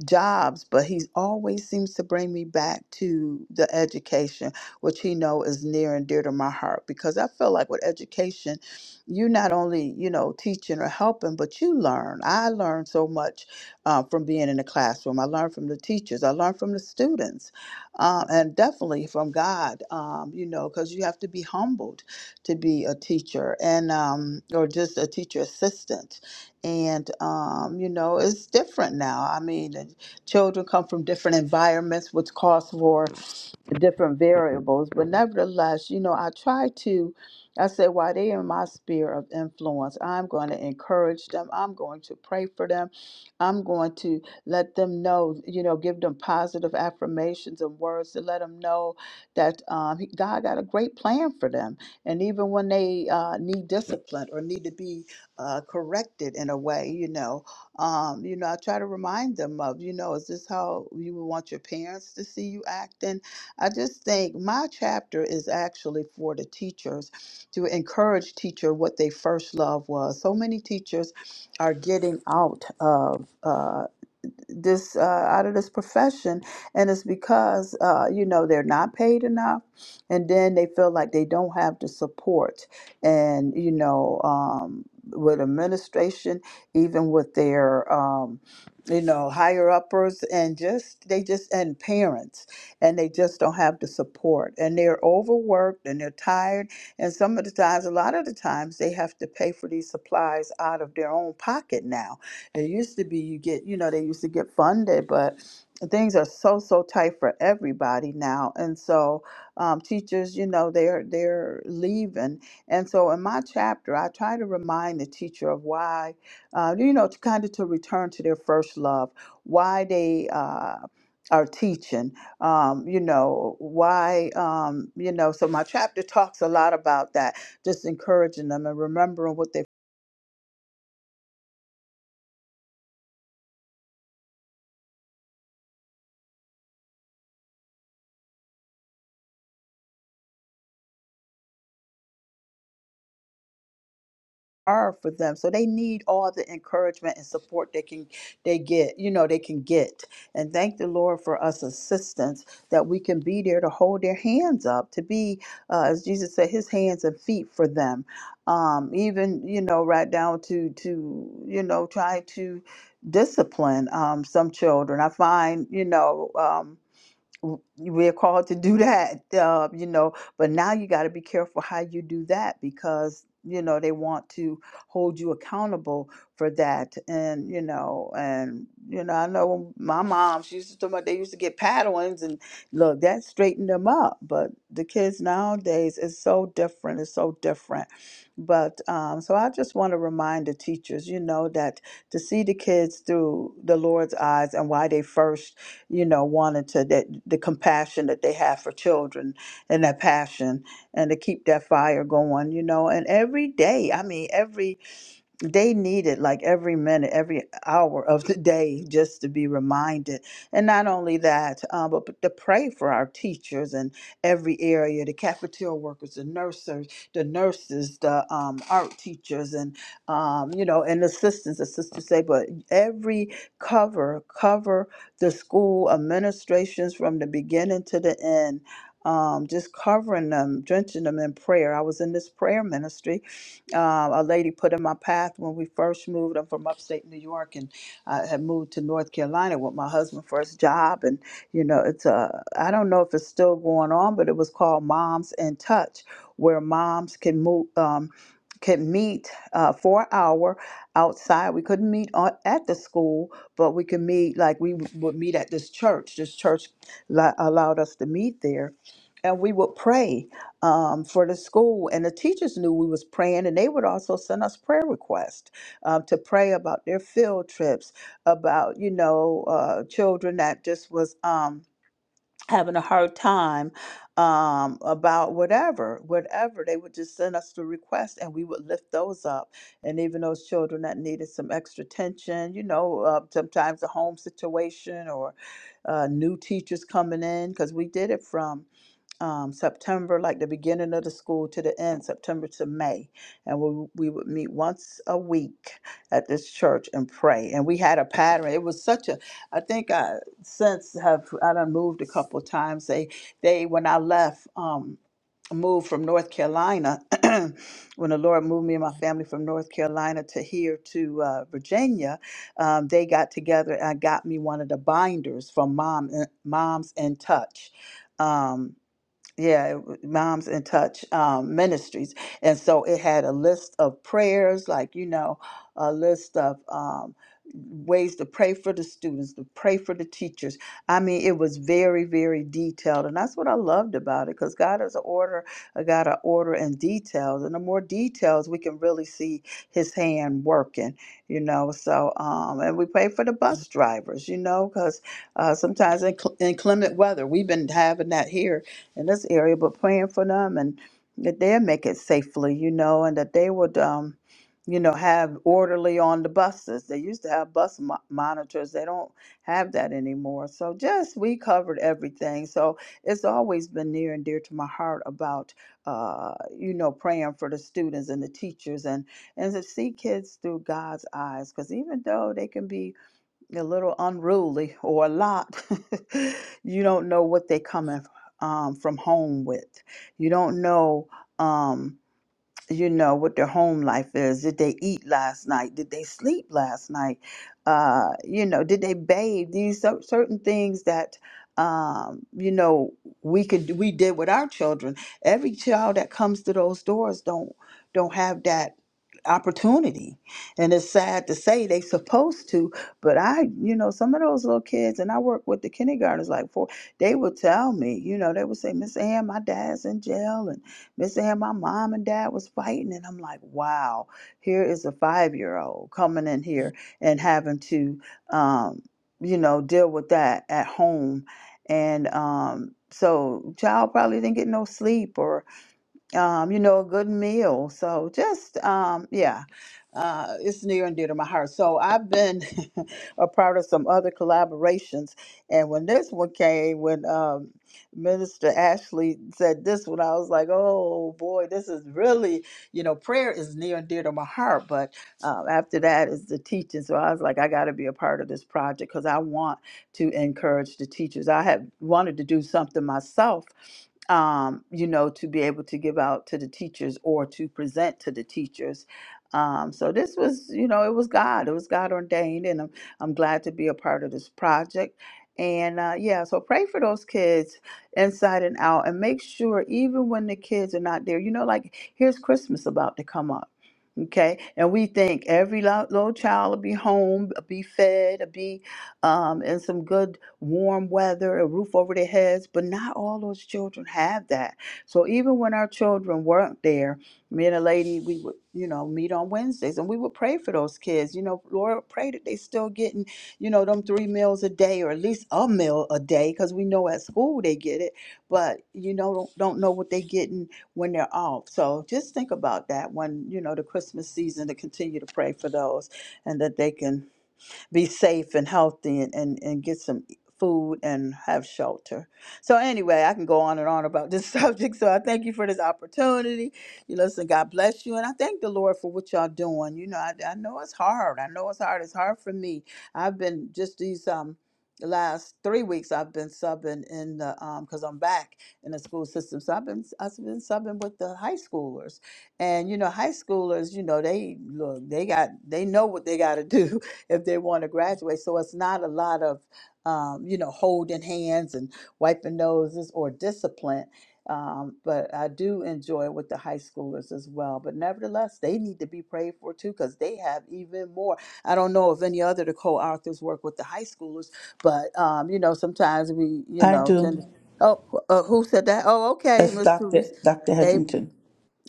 jobs, but he always seems to bring me back to the education, which he know is near and dear to my heart, because I feel like with education, you not only you know teaching or helping, but you learn. I learned so much uh, from being in the classroom. I learned from the teachers. I learned from the students um, and definitely from God, um, you know, because you have to be humbled to be a teacher and um, or just a teacher assistant. And um, you know, it's different now. I mean, the children come from different environments, which calls for different variables. But nevertheless, you know, I try to, I say, while they in my sphere of influence, I'm going to encourage them. I'm going to pray for them. I'm going to let them know, you know, give them positive affirmations and words to let them know that um, he- God got a great plan for them. And even when they uh, need discipline or need to be uh, corrected in a way, you know, um, you know, I try to remind them of, you know, is this how you would want your parents to see you acting? I just think my chapter is actually for the teachers to encourage teacher what they first love was. So many teachers are getting out of. uh, this uh, out of this profession, and it's because uh, you know they're not paid enough, and then they feel like they don't have the support, and you know um, with administration, even with their um, you know higher uppers, and just they just and parents, and they just don't have the support, and they're overworked and they're tired, and some of the times, a lot of the times, they have to pay for these supplies out of their own pocket now it used to be you get, you know, they used to get funded, but things are so so tight for everybody now, and so um, teachers, you know, they're they're leaving, and so in my chapter, I try to remind the teacher of why, uh, you know, to kind of to return to their first love, why they. Uh, are teaching um, you know why um, you know so my chapter talks a lot about that just encouraging them and remembering what their are for them. So they need all the encouragement and support they can they get, you know, they can get. And thank the Lord for us assistance that we can be there to hold their hands up, to be uh, as Jesus said, his hands and feet for them. Um, even, you know, right down to to, you know, try to discipline um, some children. I find, you know, um, w- we're called to do that, uh, you know. But now you got to be careful how you do that because you know they want to hold you accountable for that. And you know, and you know, I know my mom. She used to talk about they used to get paddlings, and look, that straightened them up. But the kids nowadays is so different. It's so different. But um, so I just want to remind the teachers, you know, that to see the kids through the Lord's eyes and why they first you know, wanting to that the compassion that they have for children and that passion and to keep that fire going, you know. And every day, I mean, every they needed like every minute, every hour of the day just to be reminded. And not only that, um, but to pray for our teachers in every area the cafeteria workers, the nurses, the nurses, the um, art teachers, and, um, you know, and assistants, as sisters say, but every cover, cover the school administrations from the beginning to the end. Um, just covering them, drenching them in prayer. I was in this prayer ministry um, a lady put in my path when we first moved. I'm from upstate New York and I had moved to North Carolina with my husband's first job. And, you know, it's a, I don't know if it's still going on, but it was called Moms in Touch, where moms can move, um, can meet uh, for an hour outside. We couldn't meet on, at the school, but we could meet, like we would meet at this church. This church li- allowed us to meet there. And we would pray um, for the school and the teachers knew we was praying and they would also send us prayer requests um, to pray about their field trips about you know uh, children that just was um, having a hard time um, about whatever whatever they would just send us the request and we would lift those up and even those children that needed some extra attention you know uh, sometimes a home situation or uh, new teachers coming in because we did it from um, September, like the beginning of the school to the end, September to May. And we, we would meet once a week at this church and pray. And we had a pattern. It was such a, I think I since have, I done moved a couple of times. They, they, when I left, um, moved from North Carolina, when the Lord moved me and my family from North Carolina to here to uh, Virginia, um, they got together and got me one of the binders from Mom, Moms in Touch. Um, yeah, it w- Moms in Touch um, Ministries. And so it had a list of prayers, like, you know, a list of um, ways to pray for the students, to pray for the teachers. I mean, it was very, very detailed. And that's what I loved about it because God is an order, a God of order and details. And the more details, we can really see his hand working, you know. So, um, and we pray for the bus drivers, you know, because uh, sometimes in inclement weather, we've been having that here in this area, but praying for them and that they'll make it safely, you know, and that they would, um, you know, have orderly on the buses. They used to have bus mo- monitors. They don't have that anymore. So just we covered everything. So it's always been near and dear to my heart about, uh, you know, praying for the students and the teachers and and to see kids through God's eyes. Because even though they can be a little unruly or a lot. you don't know what they coming um, from home with. You don't know. Um, you know what their home life is did they eat last night did they sleep last night uh you know did they bathe these cer- certain things that um you know we could we did with our children every child that comes to those doors don't don't have that opportunity and it's sad to say they supposed to but i you know some of those little kids and i work with the kindergartners like for they would tell me you know they would say miss ann my dad's in jail and Miss Ann, my mom and dad was fighting. And I'm like, wow, here is a five year old coming in here and having to, um, you know, deal with that at home. And um, so, child probably didn't get no sleep or um, you know, a good meal. So just, um, yeah, uh, it's near and dear to my heart. So I've been a part of some other collaborations, and when this one came, when um, Minister Ashley said this one, I was like, oh boy, this is really, you know, prayer is near and dear to my heart. But um, after that is the teaching. So I was like, I got to be a part of this project because I want to encourage the teachers. I had wanted to do something myself um, you know, to be able to give out to the teachers or to present to the teachers. Um, so this was, you know, it was God. It was God ordained, and I'm, I'm glad to be a part of this project. And uh, yeah, so pray for those kids inside and out, and make sure even when the kids are not there, you know, like here's Christmas about to come up Okay, and we think every lo- little child will be home, uh, be fed, uh, be um, in some good warm weather, a roof over their heads, but not all those children have that. So even when our children weren't there, me and a lady, we would, you know, meet on Wednesdays and we would pray for those kids. You know, Lord, pray that they still getting, you know, them three meals a day or at least a meal a day, because we know at school they get it, but you know, don't, don't know what they getting when they're off. So just think about that when, you know, the Christmas season to continue to pray for those and that they can be safe and healthy and, and, and get some e, food and have shelter. So anyway, I can go on and on about this subject. So I thank you for this opportunity. You listen, God bless you. And I thank the Lord for what y'all doing. You know, I, I know it's hard. I know it's hard. It's hard for me. I've been just these um the last three weeks I've been subbing in the um because I'm back in the school system. So I've been I've been subbing with the high schoolers. And you know, high schoolers, you know, they look, they got they know what they gotta do. if they want to graduate. So it's not a lot of, um, you know, holding hands and wiping noses or discipline. Um, but I do enjoy it with the high schoolers as well. But nevertheless, they need to be prayed for too because they have even more. I don't know if any other of the co-authors work with the high schoolers, but um, you know, sometimes we, you
I
know, tend to.
do.
Oh, uh, who said that? Oh, okay,
That's
Miss
Dr.
Teresa.
Dr. Hedrington.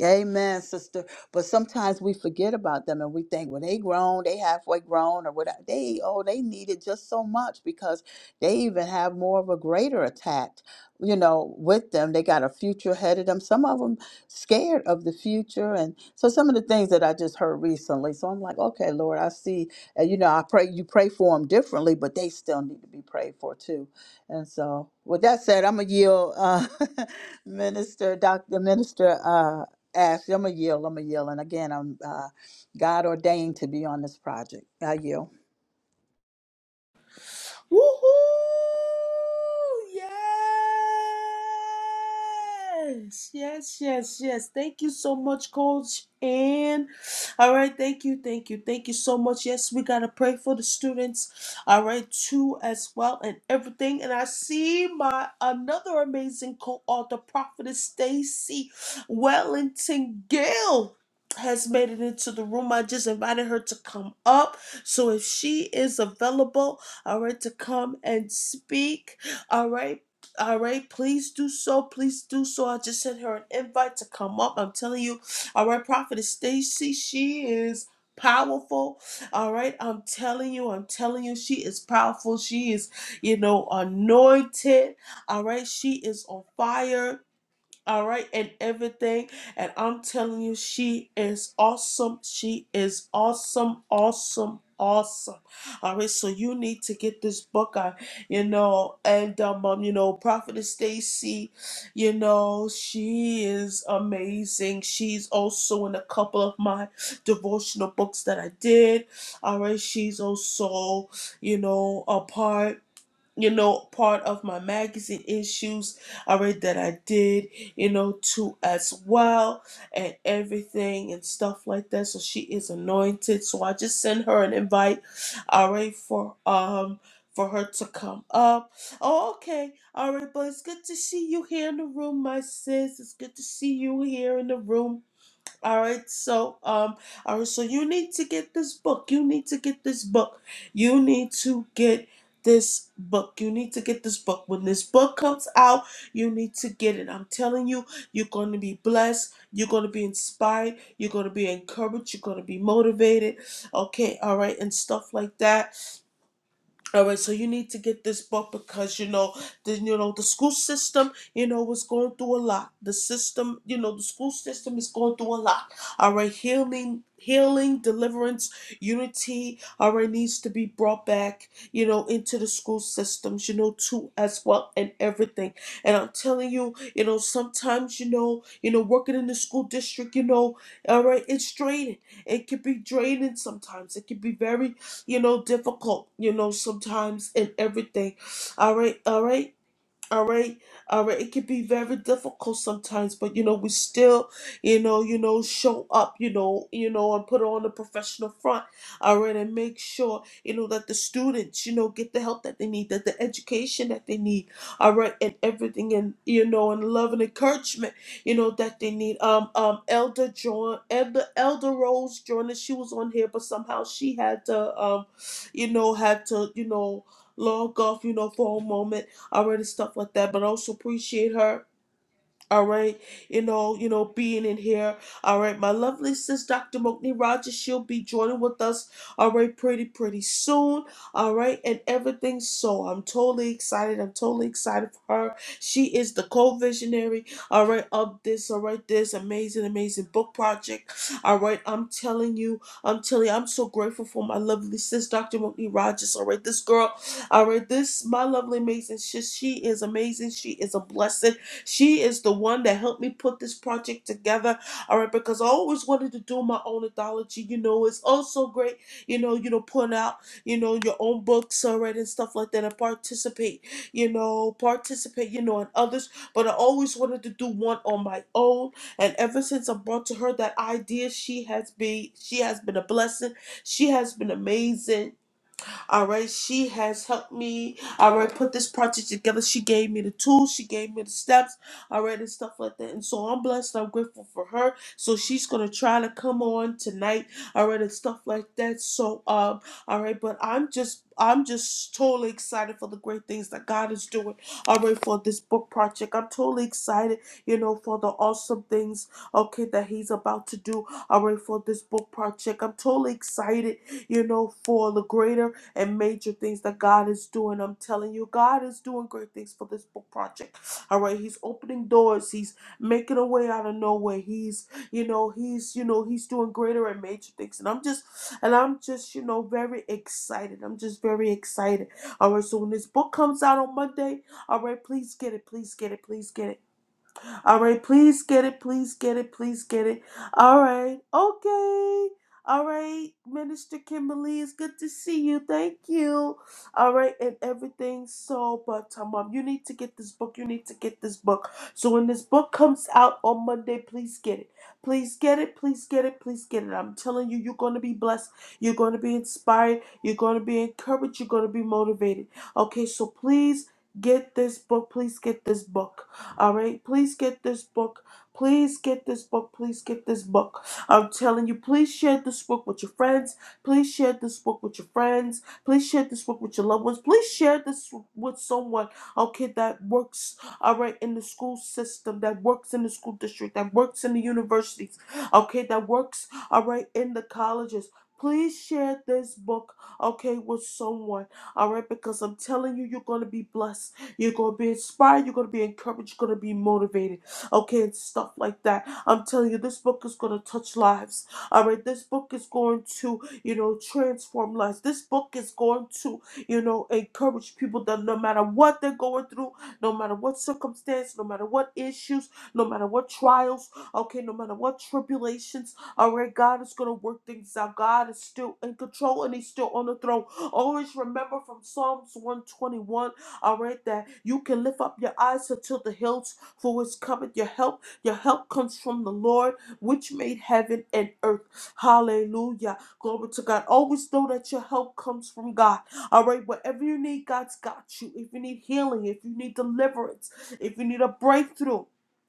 Amen, sister. But sometimes we forget about them and we think, well, they grown, they halfway grown, or whatever. They oh, they need it just so much because they even have more of a greater attack, you know, with them. They got a future ahead of them. Some of them scared of the future, and so some of the things that I just heard recently. So I'm like, okay, Lord, I see. And you know, I pray you pray for them differently, but they still need to be prayed for too. And so, with that said, I'm gonna yield, uh, Minister, Doctor Minister. Uh, ask. I'm going to yield. I'm going to yield. And again, I'm uh, God ordained to be on this project. I yield.
Woohoo! Yes! Yes, yes, yes. Thank you so much, Coach Ann. All right, thank you, thank you, thank you so much. Yes, we gotta pray for the students, all right, too, as well, and everything. And I see my another amazing co-author, Prophetess Stacy Wellington Gill. Has made it into the room. I just invited her to come up. So if she is available, all right, to come and speak, all right. All right, please do so. Please do so. I just sent her an invite to come up. I'm telling you, all right, Prophetess Stacy, she is powerful. All right, I'm telling you, I'm telling you, she is powerful. She is, you know, anointed. All right, she is on fire all right, and everything. And I'm telling you, she is awesome. She is awesome, awesome, awesome. All right, so you need to get this book out, you know. And um, um you know, Prophetess Stacy, you know, she is amazing. She's also in a couple of my devotional books that I did. All right, she's also, you know, a part you know, part of my magazine issues I that I did, you know, too as well and everything and stuff like that. So she is anointed. So I just sent her an invite, all right, for um for her to come up. Oh, okay. All right, but it's good to see you here in the room, my sis. It's good to see you here in the room all right, so um, all right, so you need to get this book. You need to get this book. You need to get this book. You need to get this book. When this book comes out, you need to get it. I'm telling you, you're going to be blessed. You're going to be inspired. You're going to be encouraged. You're going to be motivated. Okay, all right, and stuff like that all right, so you need to get this book because you know the you know the school system you know is going through a lot. The system you know the school system is going through a lot. All right, healing, healing, deliverance, unity. All right, needs to be brought back you know into the school systems you know too as well and everything. And I'm telling you, you know sometimes you know you know working in the school district you know all right it's draining. It can be draining sometimes. It can be very you know, difficult, you know, sometimes and everything. All right, all right all right all right it can be very difficult sometimes but you know we still you know you know show up you know you know and put on a professional front all right and make sure you know that the students you know get the help that they need that the education that they need all right and everything and you know and love and encouragement you know that they need um um elder john elder elder rose joined she was on here but somehow she had to um you know had to you know log off you know for a moment already stuff like that, but also appreciate her all right, you know, you know, being in here. All right, my lovely sis, Dr. Mokni Rogers, she'll be joining with us. All right, pretty, pretty soon. All right, and everything. So I'm totally excited. I'm totally excited for her. She is the co-visionary. All right, of this. All right, this amazing, amazing book project. All right, I'm telling you, I'm telling you, I'm so grateful for my lovely sis, Dr. Mokni Rogers. All right, this girl. All right, this my lovely, amazing. She, she is amazing. She is a blessing. She is the one that helped me put this project together. All right, because I always wanted to do my own anthology. You know, it's also great, you know, you know, putting out, you know, your own books, all right, and stuff like that, and participate, you know, participate, you know, in others. But I always wanted to do one on my own. And ever since I brought to her that idea, she has been she has been a blessing. She has been amazing all right, she has helped me. All right, put this project together. She gave me the tools, she gave me the steps, all right, and stuff like that. And so I'm blessed. I'm grateful for her. So she's gonna try to come on tonight, all right, and stuff like that. So um, all right, but I'm just. I'm just totally excited for the great things that God is doing. All right, for this book project, I'm totally excited, you know, for the awesome things, okay, that He's about to do. All right, for this book project, I'm totally excited, you know, for the greater and major things that God is doing. I'm telling you, God is doing great things for this book project. All right, He's opening doors. He's making a way out of nowhere. He's, you know, He's, you know, He's doing greater and major things. And I'm just, and I'm just, you know, very excited. I'm just very excited. All right, so when this book comes out on Monday, all right, please get it, please get it, please get it. All right, please get it, please get it, please get it. All right, okay. All right, Minister Kimberly, it's good to see you. Thank you. All right, and everything. So, but um, um, you need to get this book. You need to get this book. So when this book comes out on Monday, please get it. Please get it. Please get it. Please get it. I'm telling you, you're gonna be blessed. You're gonna be inspired. You're gonna be encouraged. You're gonna be motivated. Okay, so please get this book. Please get this book. All right, please get this book. Please get this book. Please get this book. I'm telling you, please share this book with your friends. Please share this book with your friends. Please share this book with your loved ones. Please share this with someone, okay, that works, all right, in the school system, that works in the school district, that works in the universities, okay, that works, all right, in the colleges. Please share this book, okay, with someone, all right, because I'm telling you, you're going to be blessed. You're going to be inspired. You're going to be encouraged. You're going to be motivated. Okay, and stuff like that. I'm telling you, this book is going to touch lives. All right, this book is going to, you know, transform lives. This book is going to, you know, encourage people that no matter what they're going through, no matter what circumstance, no matter what issues, no matter what trials, okay, no matter what tribulations, all right, God is going to work things out. God is still in control and He's still on the throne. Always remember from Psalms 121 all right, that you can lift up your eyes until the hills, for it's coming your help. Your help comes from the Lord, which made heaven and earth. Hallelujah. Glory to God. Always know that your help comes from God. All right, whatever you need, God's got you. If you need healing, if you need deliverance, if you need a breakthrough,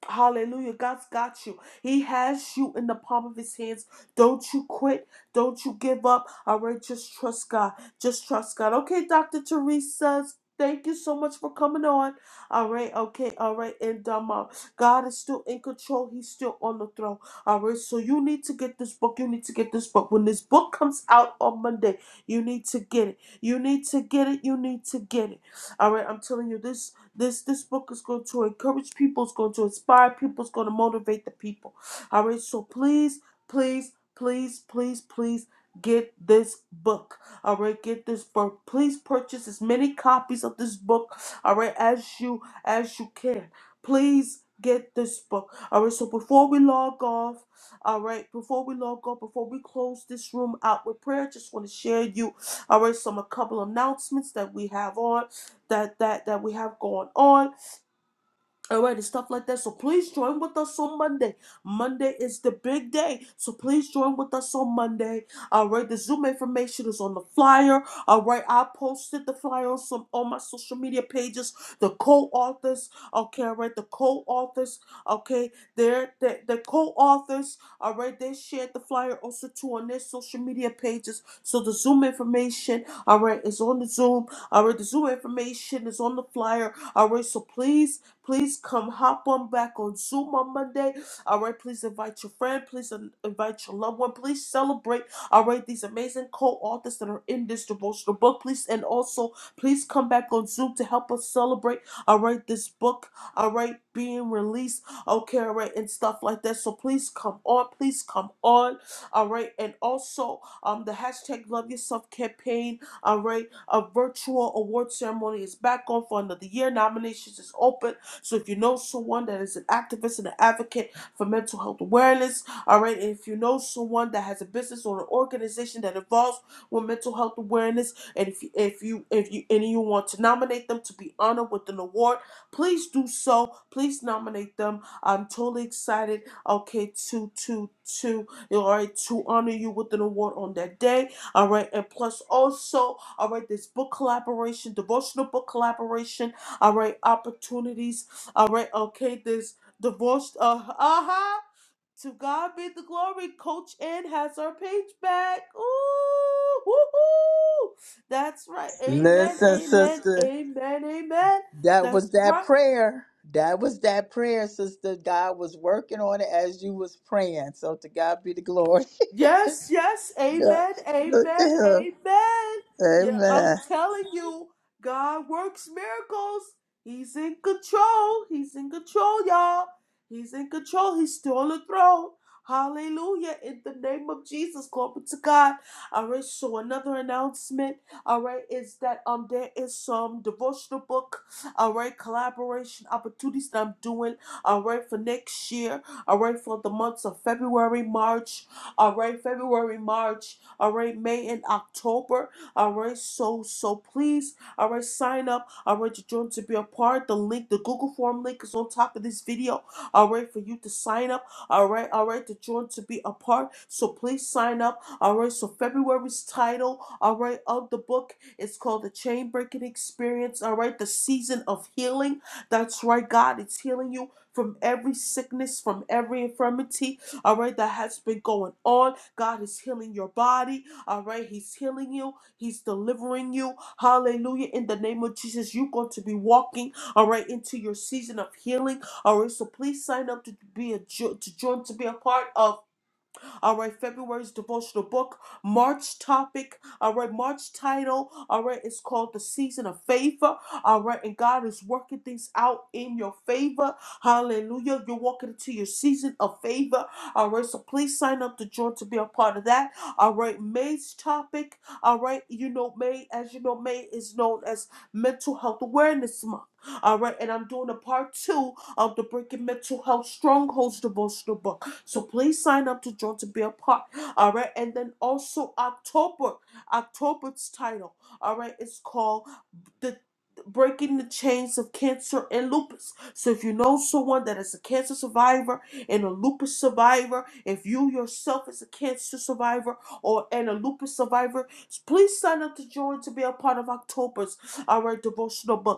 Hallelujah. God's got you. He has you in the palm of his hands. Don't you quit. Don't you give up. All right, just trust God. Just trust God. Okay, Dr. Teresa. says, Thank you so much for coming on. All right, okay, all right, and um, uh, God is still in control. He's still on the throne. All right, so you need to get this book. You need to get this book. When this book comes out on Monday, you need to get it. You need to get it. You need to get it. All right, I'm telling you, this this this book is going to encourage people. It's going to inspire people. It's going to motivate the people. All right, so please, please, please, please, please get this book. All right, get this book. Please purchase as many copies of this book. All right, as you as you can. Please get this book. All right. So before we log off, all right. Before we log off, before we close this room out with prayer, just want to share you. All right. Some a couple announcements that we have on that that that we have going on all right, and stuff like that. So please join with us on Monday. Monday is the big day. So please join with us on Monday. All right, the Zoom information is on the flyer. All right, I posted the flyer on some on my social media pages. The co-authors, okay, all right, the co-authors, okay, they're the the co-authors, all right, they shared the flyer also too on their social media pages. So the Zoom information, all right, is on the Zoom. All right, the Zoom information is on the flyer. All right, so please. Please come hop on back on Zoom on Monday. All right, please invite your friend. Please in- invite your loved one. Please celebrate. All right, these amazing co-authors that are in this devotional book. Please and also please come back on Zoom to help us celebrate. All right, this book. All right, being released. Okay, all right, and stuff like that. So please come on. Please come on. All right, and also um the hashtag Love Yourself campaign. All right, a virtual award ceremony is back on for another year. Nominations is open. So if you know someone that is an activist and an advocate for mental health awareness, all right, and if you know someone that has a business or an organization that involves with mental health awareness, and if you, if you if you and you want to nominate them to be honored with an award, please do so. Please nominate them. I'm totally excited. Okay, to to to all right to honor you with an award on that day. All right, and plus also all right this book collaboration, devotional book collaboration. All right, opportunities all right, okay, this divorced, uh, uh-huh. To God be the glory. Coach N has her page back. Ooh, woo-hoo. That's right. Amen,
Listen,
amen,
sister.
amen, amen.
That
That's
was that
right.
prayer. That was that prayer, sister. God was working on it as you was praying. So to God be the glory.
Yes, yes,
Yeah,
amen,
Look at
amen,
her.
amen. Yeah, I'm
Amen.
telling you, God works miracles. He's in control. He's in control, y'all. He's in control. He's still on the throne. Hallelujah. In the name of Jesus. Glory to God. All right, so another announcement, all right, is that um there is some devotional book, all right, collaboration opportunities that I'm doing, all right, for next year, all right, for the months of February, March all right, February, March, all right, May and October, all right, so, so please, all right, sign up, all right, to join to be a part, the link, the Google form link is on top of this video, all right, for you to sign up, all right, all right, to join to be a part, so please sign up, all right, so February's title, all right, of the book is called The Chain Breaking Experience, all right, the season of healing, that's right, God, it's healing you from every sickness, from every infirmity, all right, that has been going on. God is healing your body, all right? He's healing you, He's delivering you. Hallelujah. In the name of Jesus, you're going to be walking, all right, into your season of healing, all right? So please sign up to be a jo- to join to be a part of. All right, February's devotional book, March topic. All right, March title. All right, it's called The Season of Favor. All right, and God is working things out in your favor. Hallelujah. You're walking into your season of favor. All right, so please sign up to join to be a part of that. All right, May's topic. All right, you know, May, as you know, May is known as Mental Health Awareness Month. All right, and I'm doing a part two of the Breaking Mental Health Strongholds devotional book. So please sign up to join to be a part. All right. And then also October, October's title, all right, it's called The Breaking the Chains of Cancer and Lupus. So if you know someone that is a cancer survivor and a lupus survivor, if you yourself is a cancer survivor or and a lupus survivor, please sign up to join to be a part of October's all right devotional book.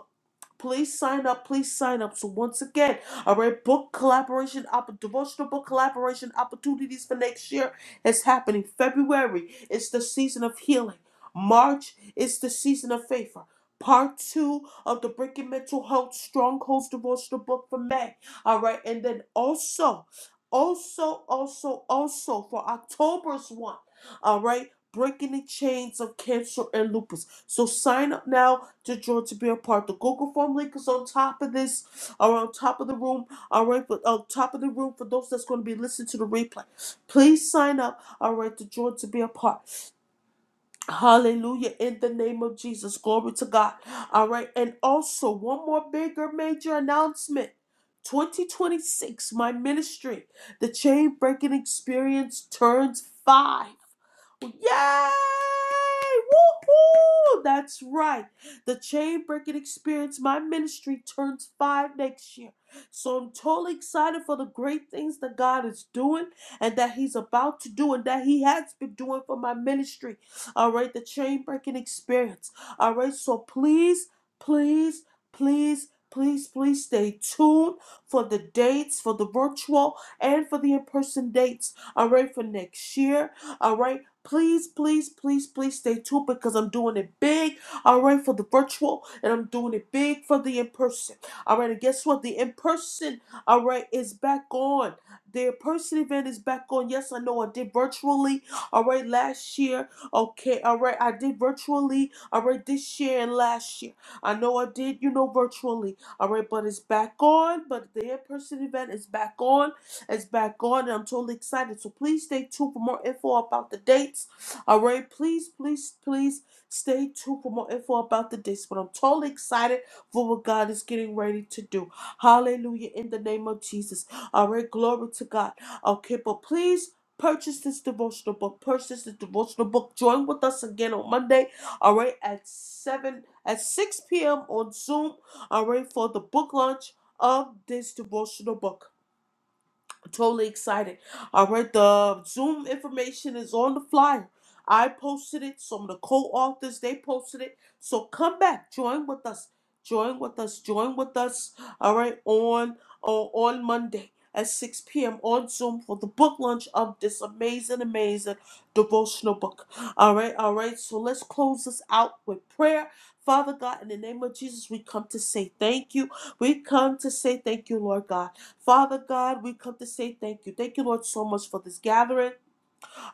Please sign up. Please sign up. So once again, all right, book collaboration, opp- devotional book collaboration opportunities for next year is happening. February is the season of healing. March is the season of favor. Part two of the Breaking Mental Health Strongholds devotional book for May. All right, and then also, also, also, also for October's one. All right, breaking the chains of cancer and lupus. So sign up now to join to be a part. The Google form link is on top of this, or on top of the room, all right, but on top of the room for those that's going to be listening to the replay. Please sign up, all right, to join to be a part. Hallelujah, in the name of Jesus. Glory to God. All right, and also one more bigger major announcement. 2026, my ministry, the Chain Breaking Experience turns five. Yay! Woohoo! That's right. The Chain Breaking Experience, my ministry, turns five next year. So I'm totally excited for the great things that God is doing and that He's about to do and that He has been doing for my ministry. All right, the Chain Breaking Experience. All right, so please, please, please. Please, please stay tuned for the dates, for the virtual and for the in person dates, all right, for next year. All right. Please, please, please, please stay tuned because I'm doing it big, all right, for the virtual and I'm doing it big for the in person. All right, and guess what? The in person, all right, is back on. The in person event is back on. Yes, I know I did virtually, all right, last year. Okay, all right, I did virtually, all right, this year and last year. I know I did, you know, virtually, all right, but it's back on. But the in person event is back on. It's back on, and I'm totally excited. So please stay tuned for more info about the dates. All right, please, please, please stay tuned for more info about the dates. But I'm totally excited for what God is getting ready to do. Hallelujah, in the name of Jesus. All right, glory to God. Okay, but please. Purchase this devotional book. Purchase this devotional book. Join with us again on Monday, all right, at 7 at 6 p.m. on Zoom, all right, for the book launch of this devotional book totally excited. All right, the Zoom information is on the flyer. I posted it. Some of the co-authors they posted it. So come back, join with us, join with us, join with us. All right, on on, on Monday at 6 p.m. on Zoom for the book launch of this amazing, amazing devotional book. All right, all right. So let's close this out with prayer. Father God, in the name of Jesus, we come to say thank you. We come to say thank you, Lord God. Father God, we come to say thank you. Thank you, Lord, so much for this gathering.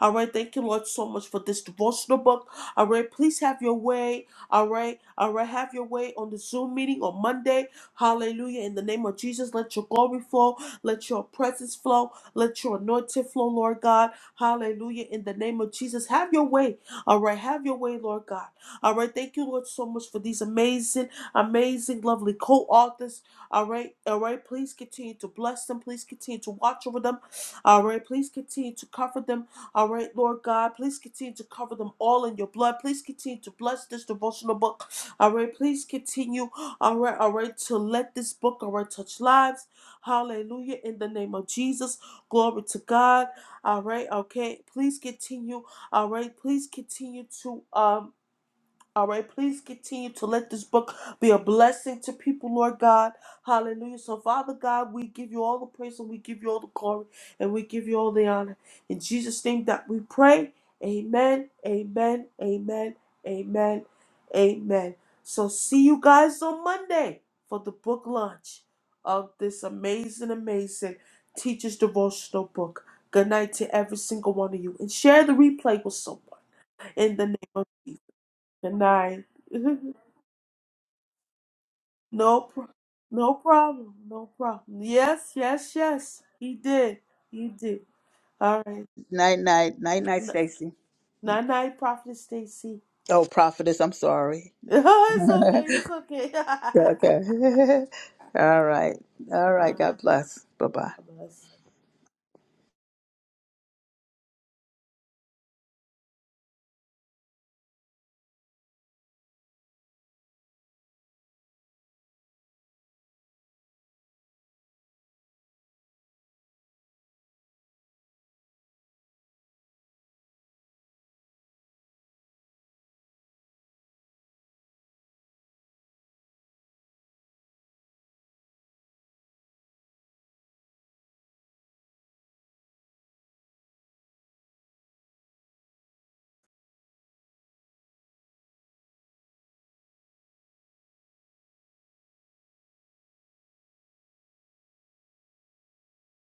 All right. Thank you, Lord, so much for this devotional book. All right. Please have your way. All right. All right. Have your way on the Zoom meeting on Monday. Hallelujah. In the name of Jesus, let your glory flow. Let your presence flow. Let your anointing flow, Lord God. Hallelujah. In the name of Jesus, have your way. All right. Have your way, Lord God. All right. Thank you, Lord, so much for these amazing, amazing, lovely co authors. All right. All right. Please continue to bless them. Please continue to watch over them. All right. Please continue to cover them. All right, Lord God, please continue to cover them all in your blood. Please continue to bless this devotional book. All right, please continue, all right, all right, to let this book, all right, touch lives. Hallelujah, in the name of Jesus. Glory to God. All right, okay. Please continue, all right, please continue to, um, all right, please continue to let this book be a blessing to people, Lord God. Hallelujah. So, Father God, we give you all the praise and we give you all the glory and we give you all the honor. In Jesus' name that we pray. Amen, amen, amen, amen, amen. So, see you guys on Monday for the book launch of this amazing, amazing Teacher's Devotional book. Good night to every single one of you. And share the replay with someone in the name of Jesus. Good night. no, pro- no problem. No problem. Yes, yes, yes. He did. He did. All right.
Night, night, night, night,
N-
Stacy.
night, night, Prophet Stacy.
Oh, prophetess, I'm sorry.
it's okay.
okay.
It's okay. All
All right. All right.
right.
God bless. Bye bye.
God bless.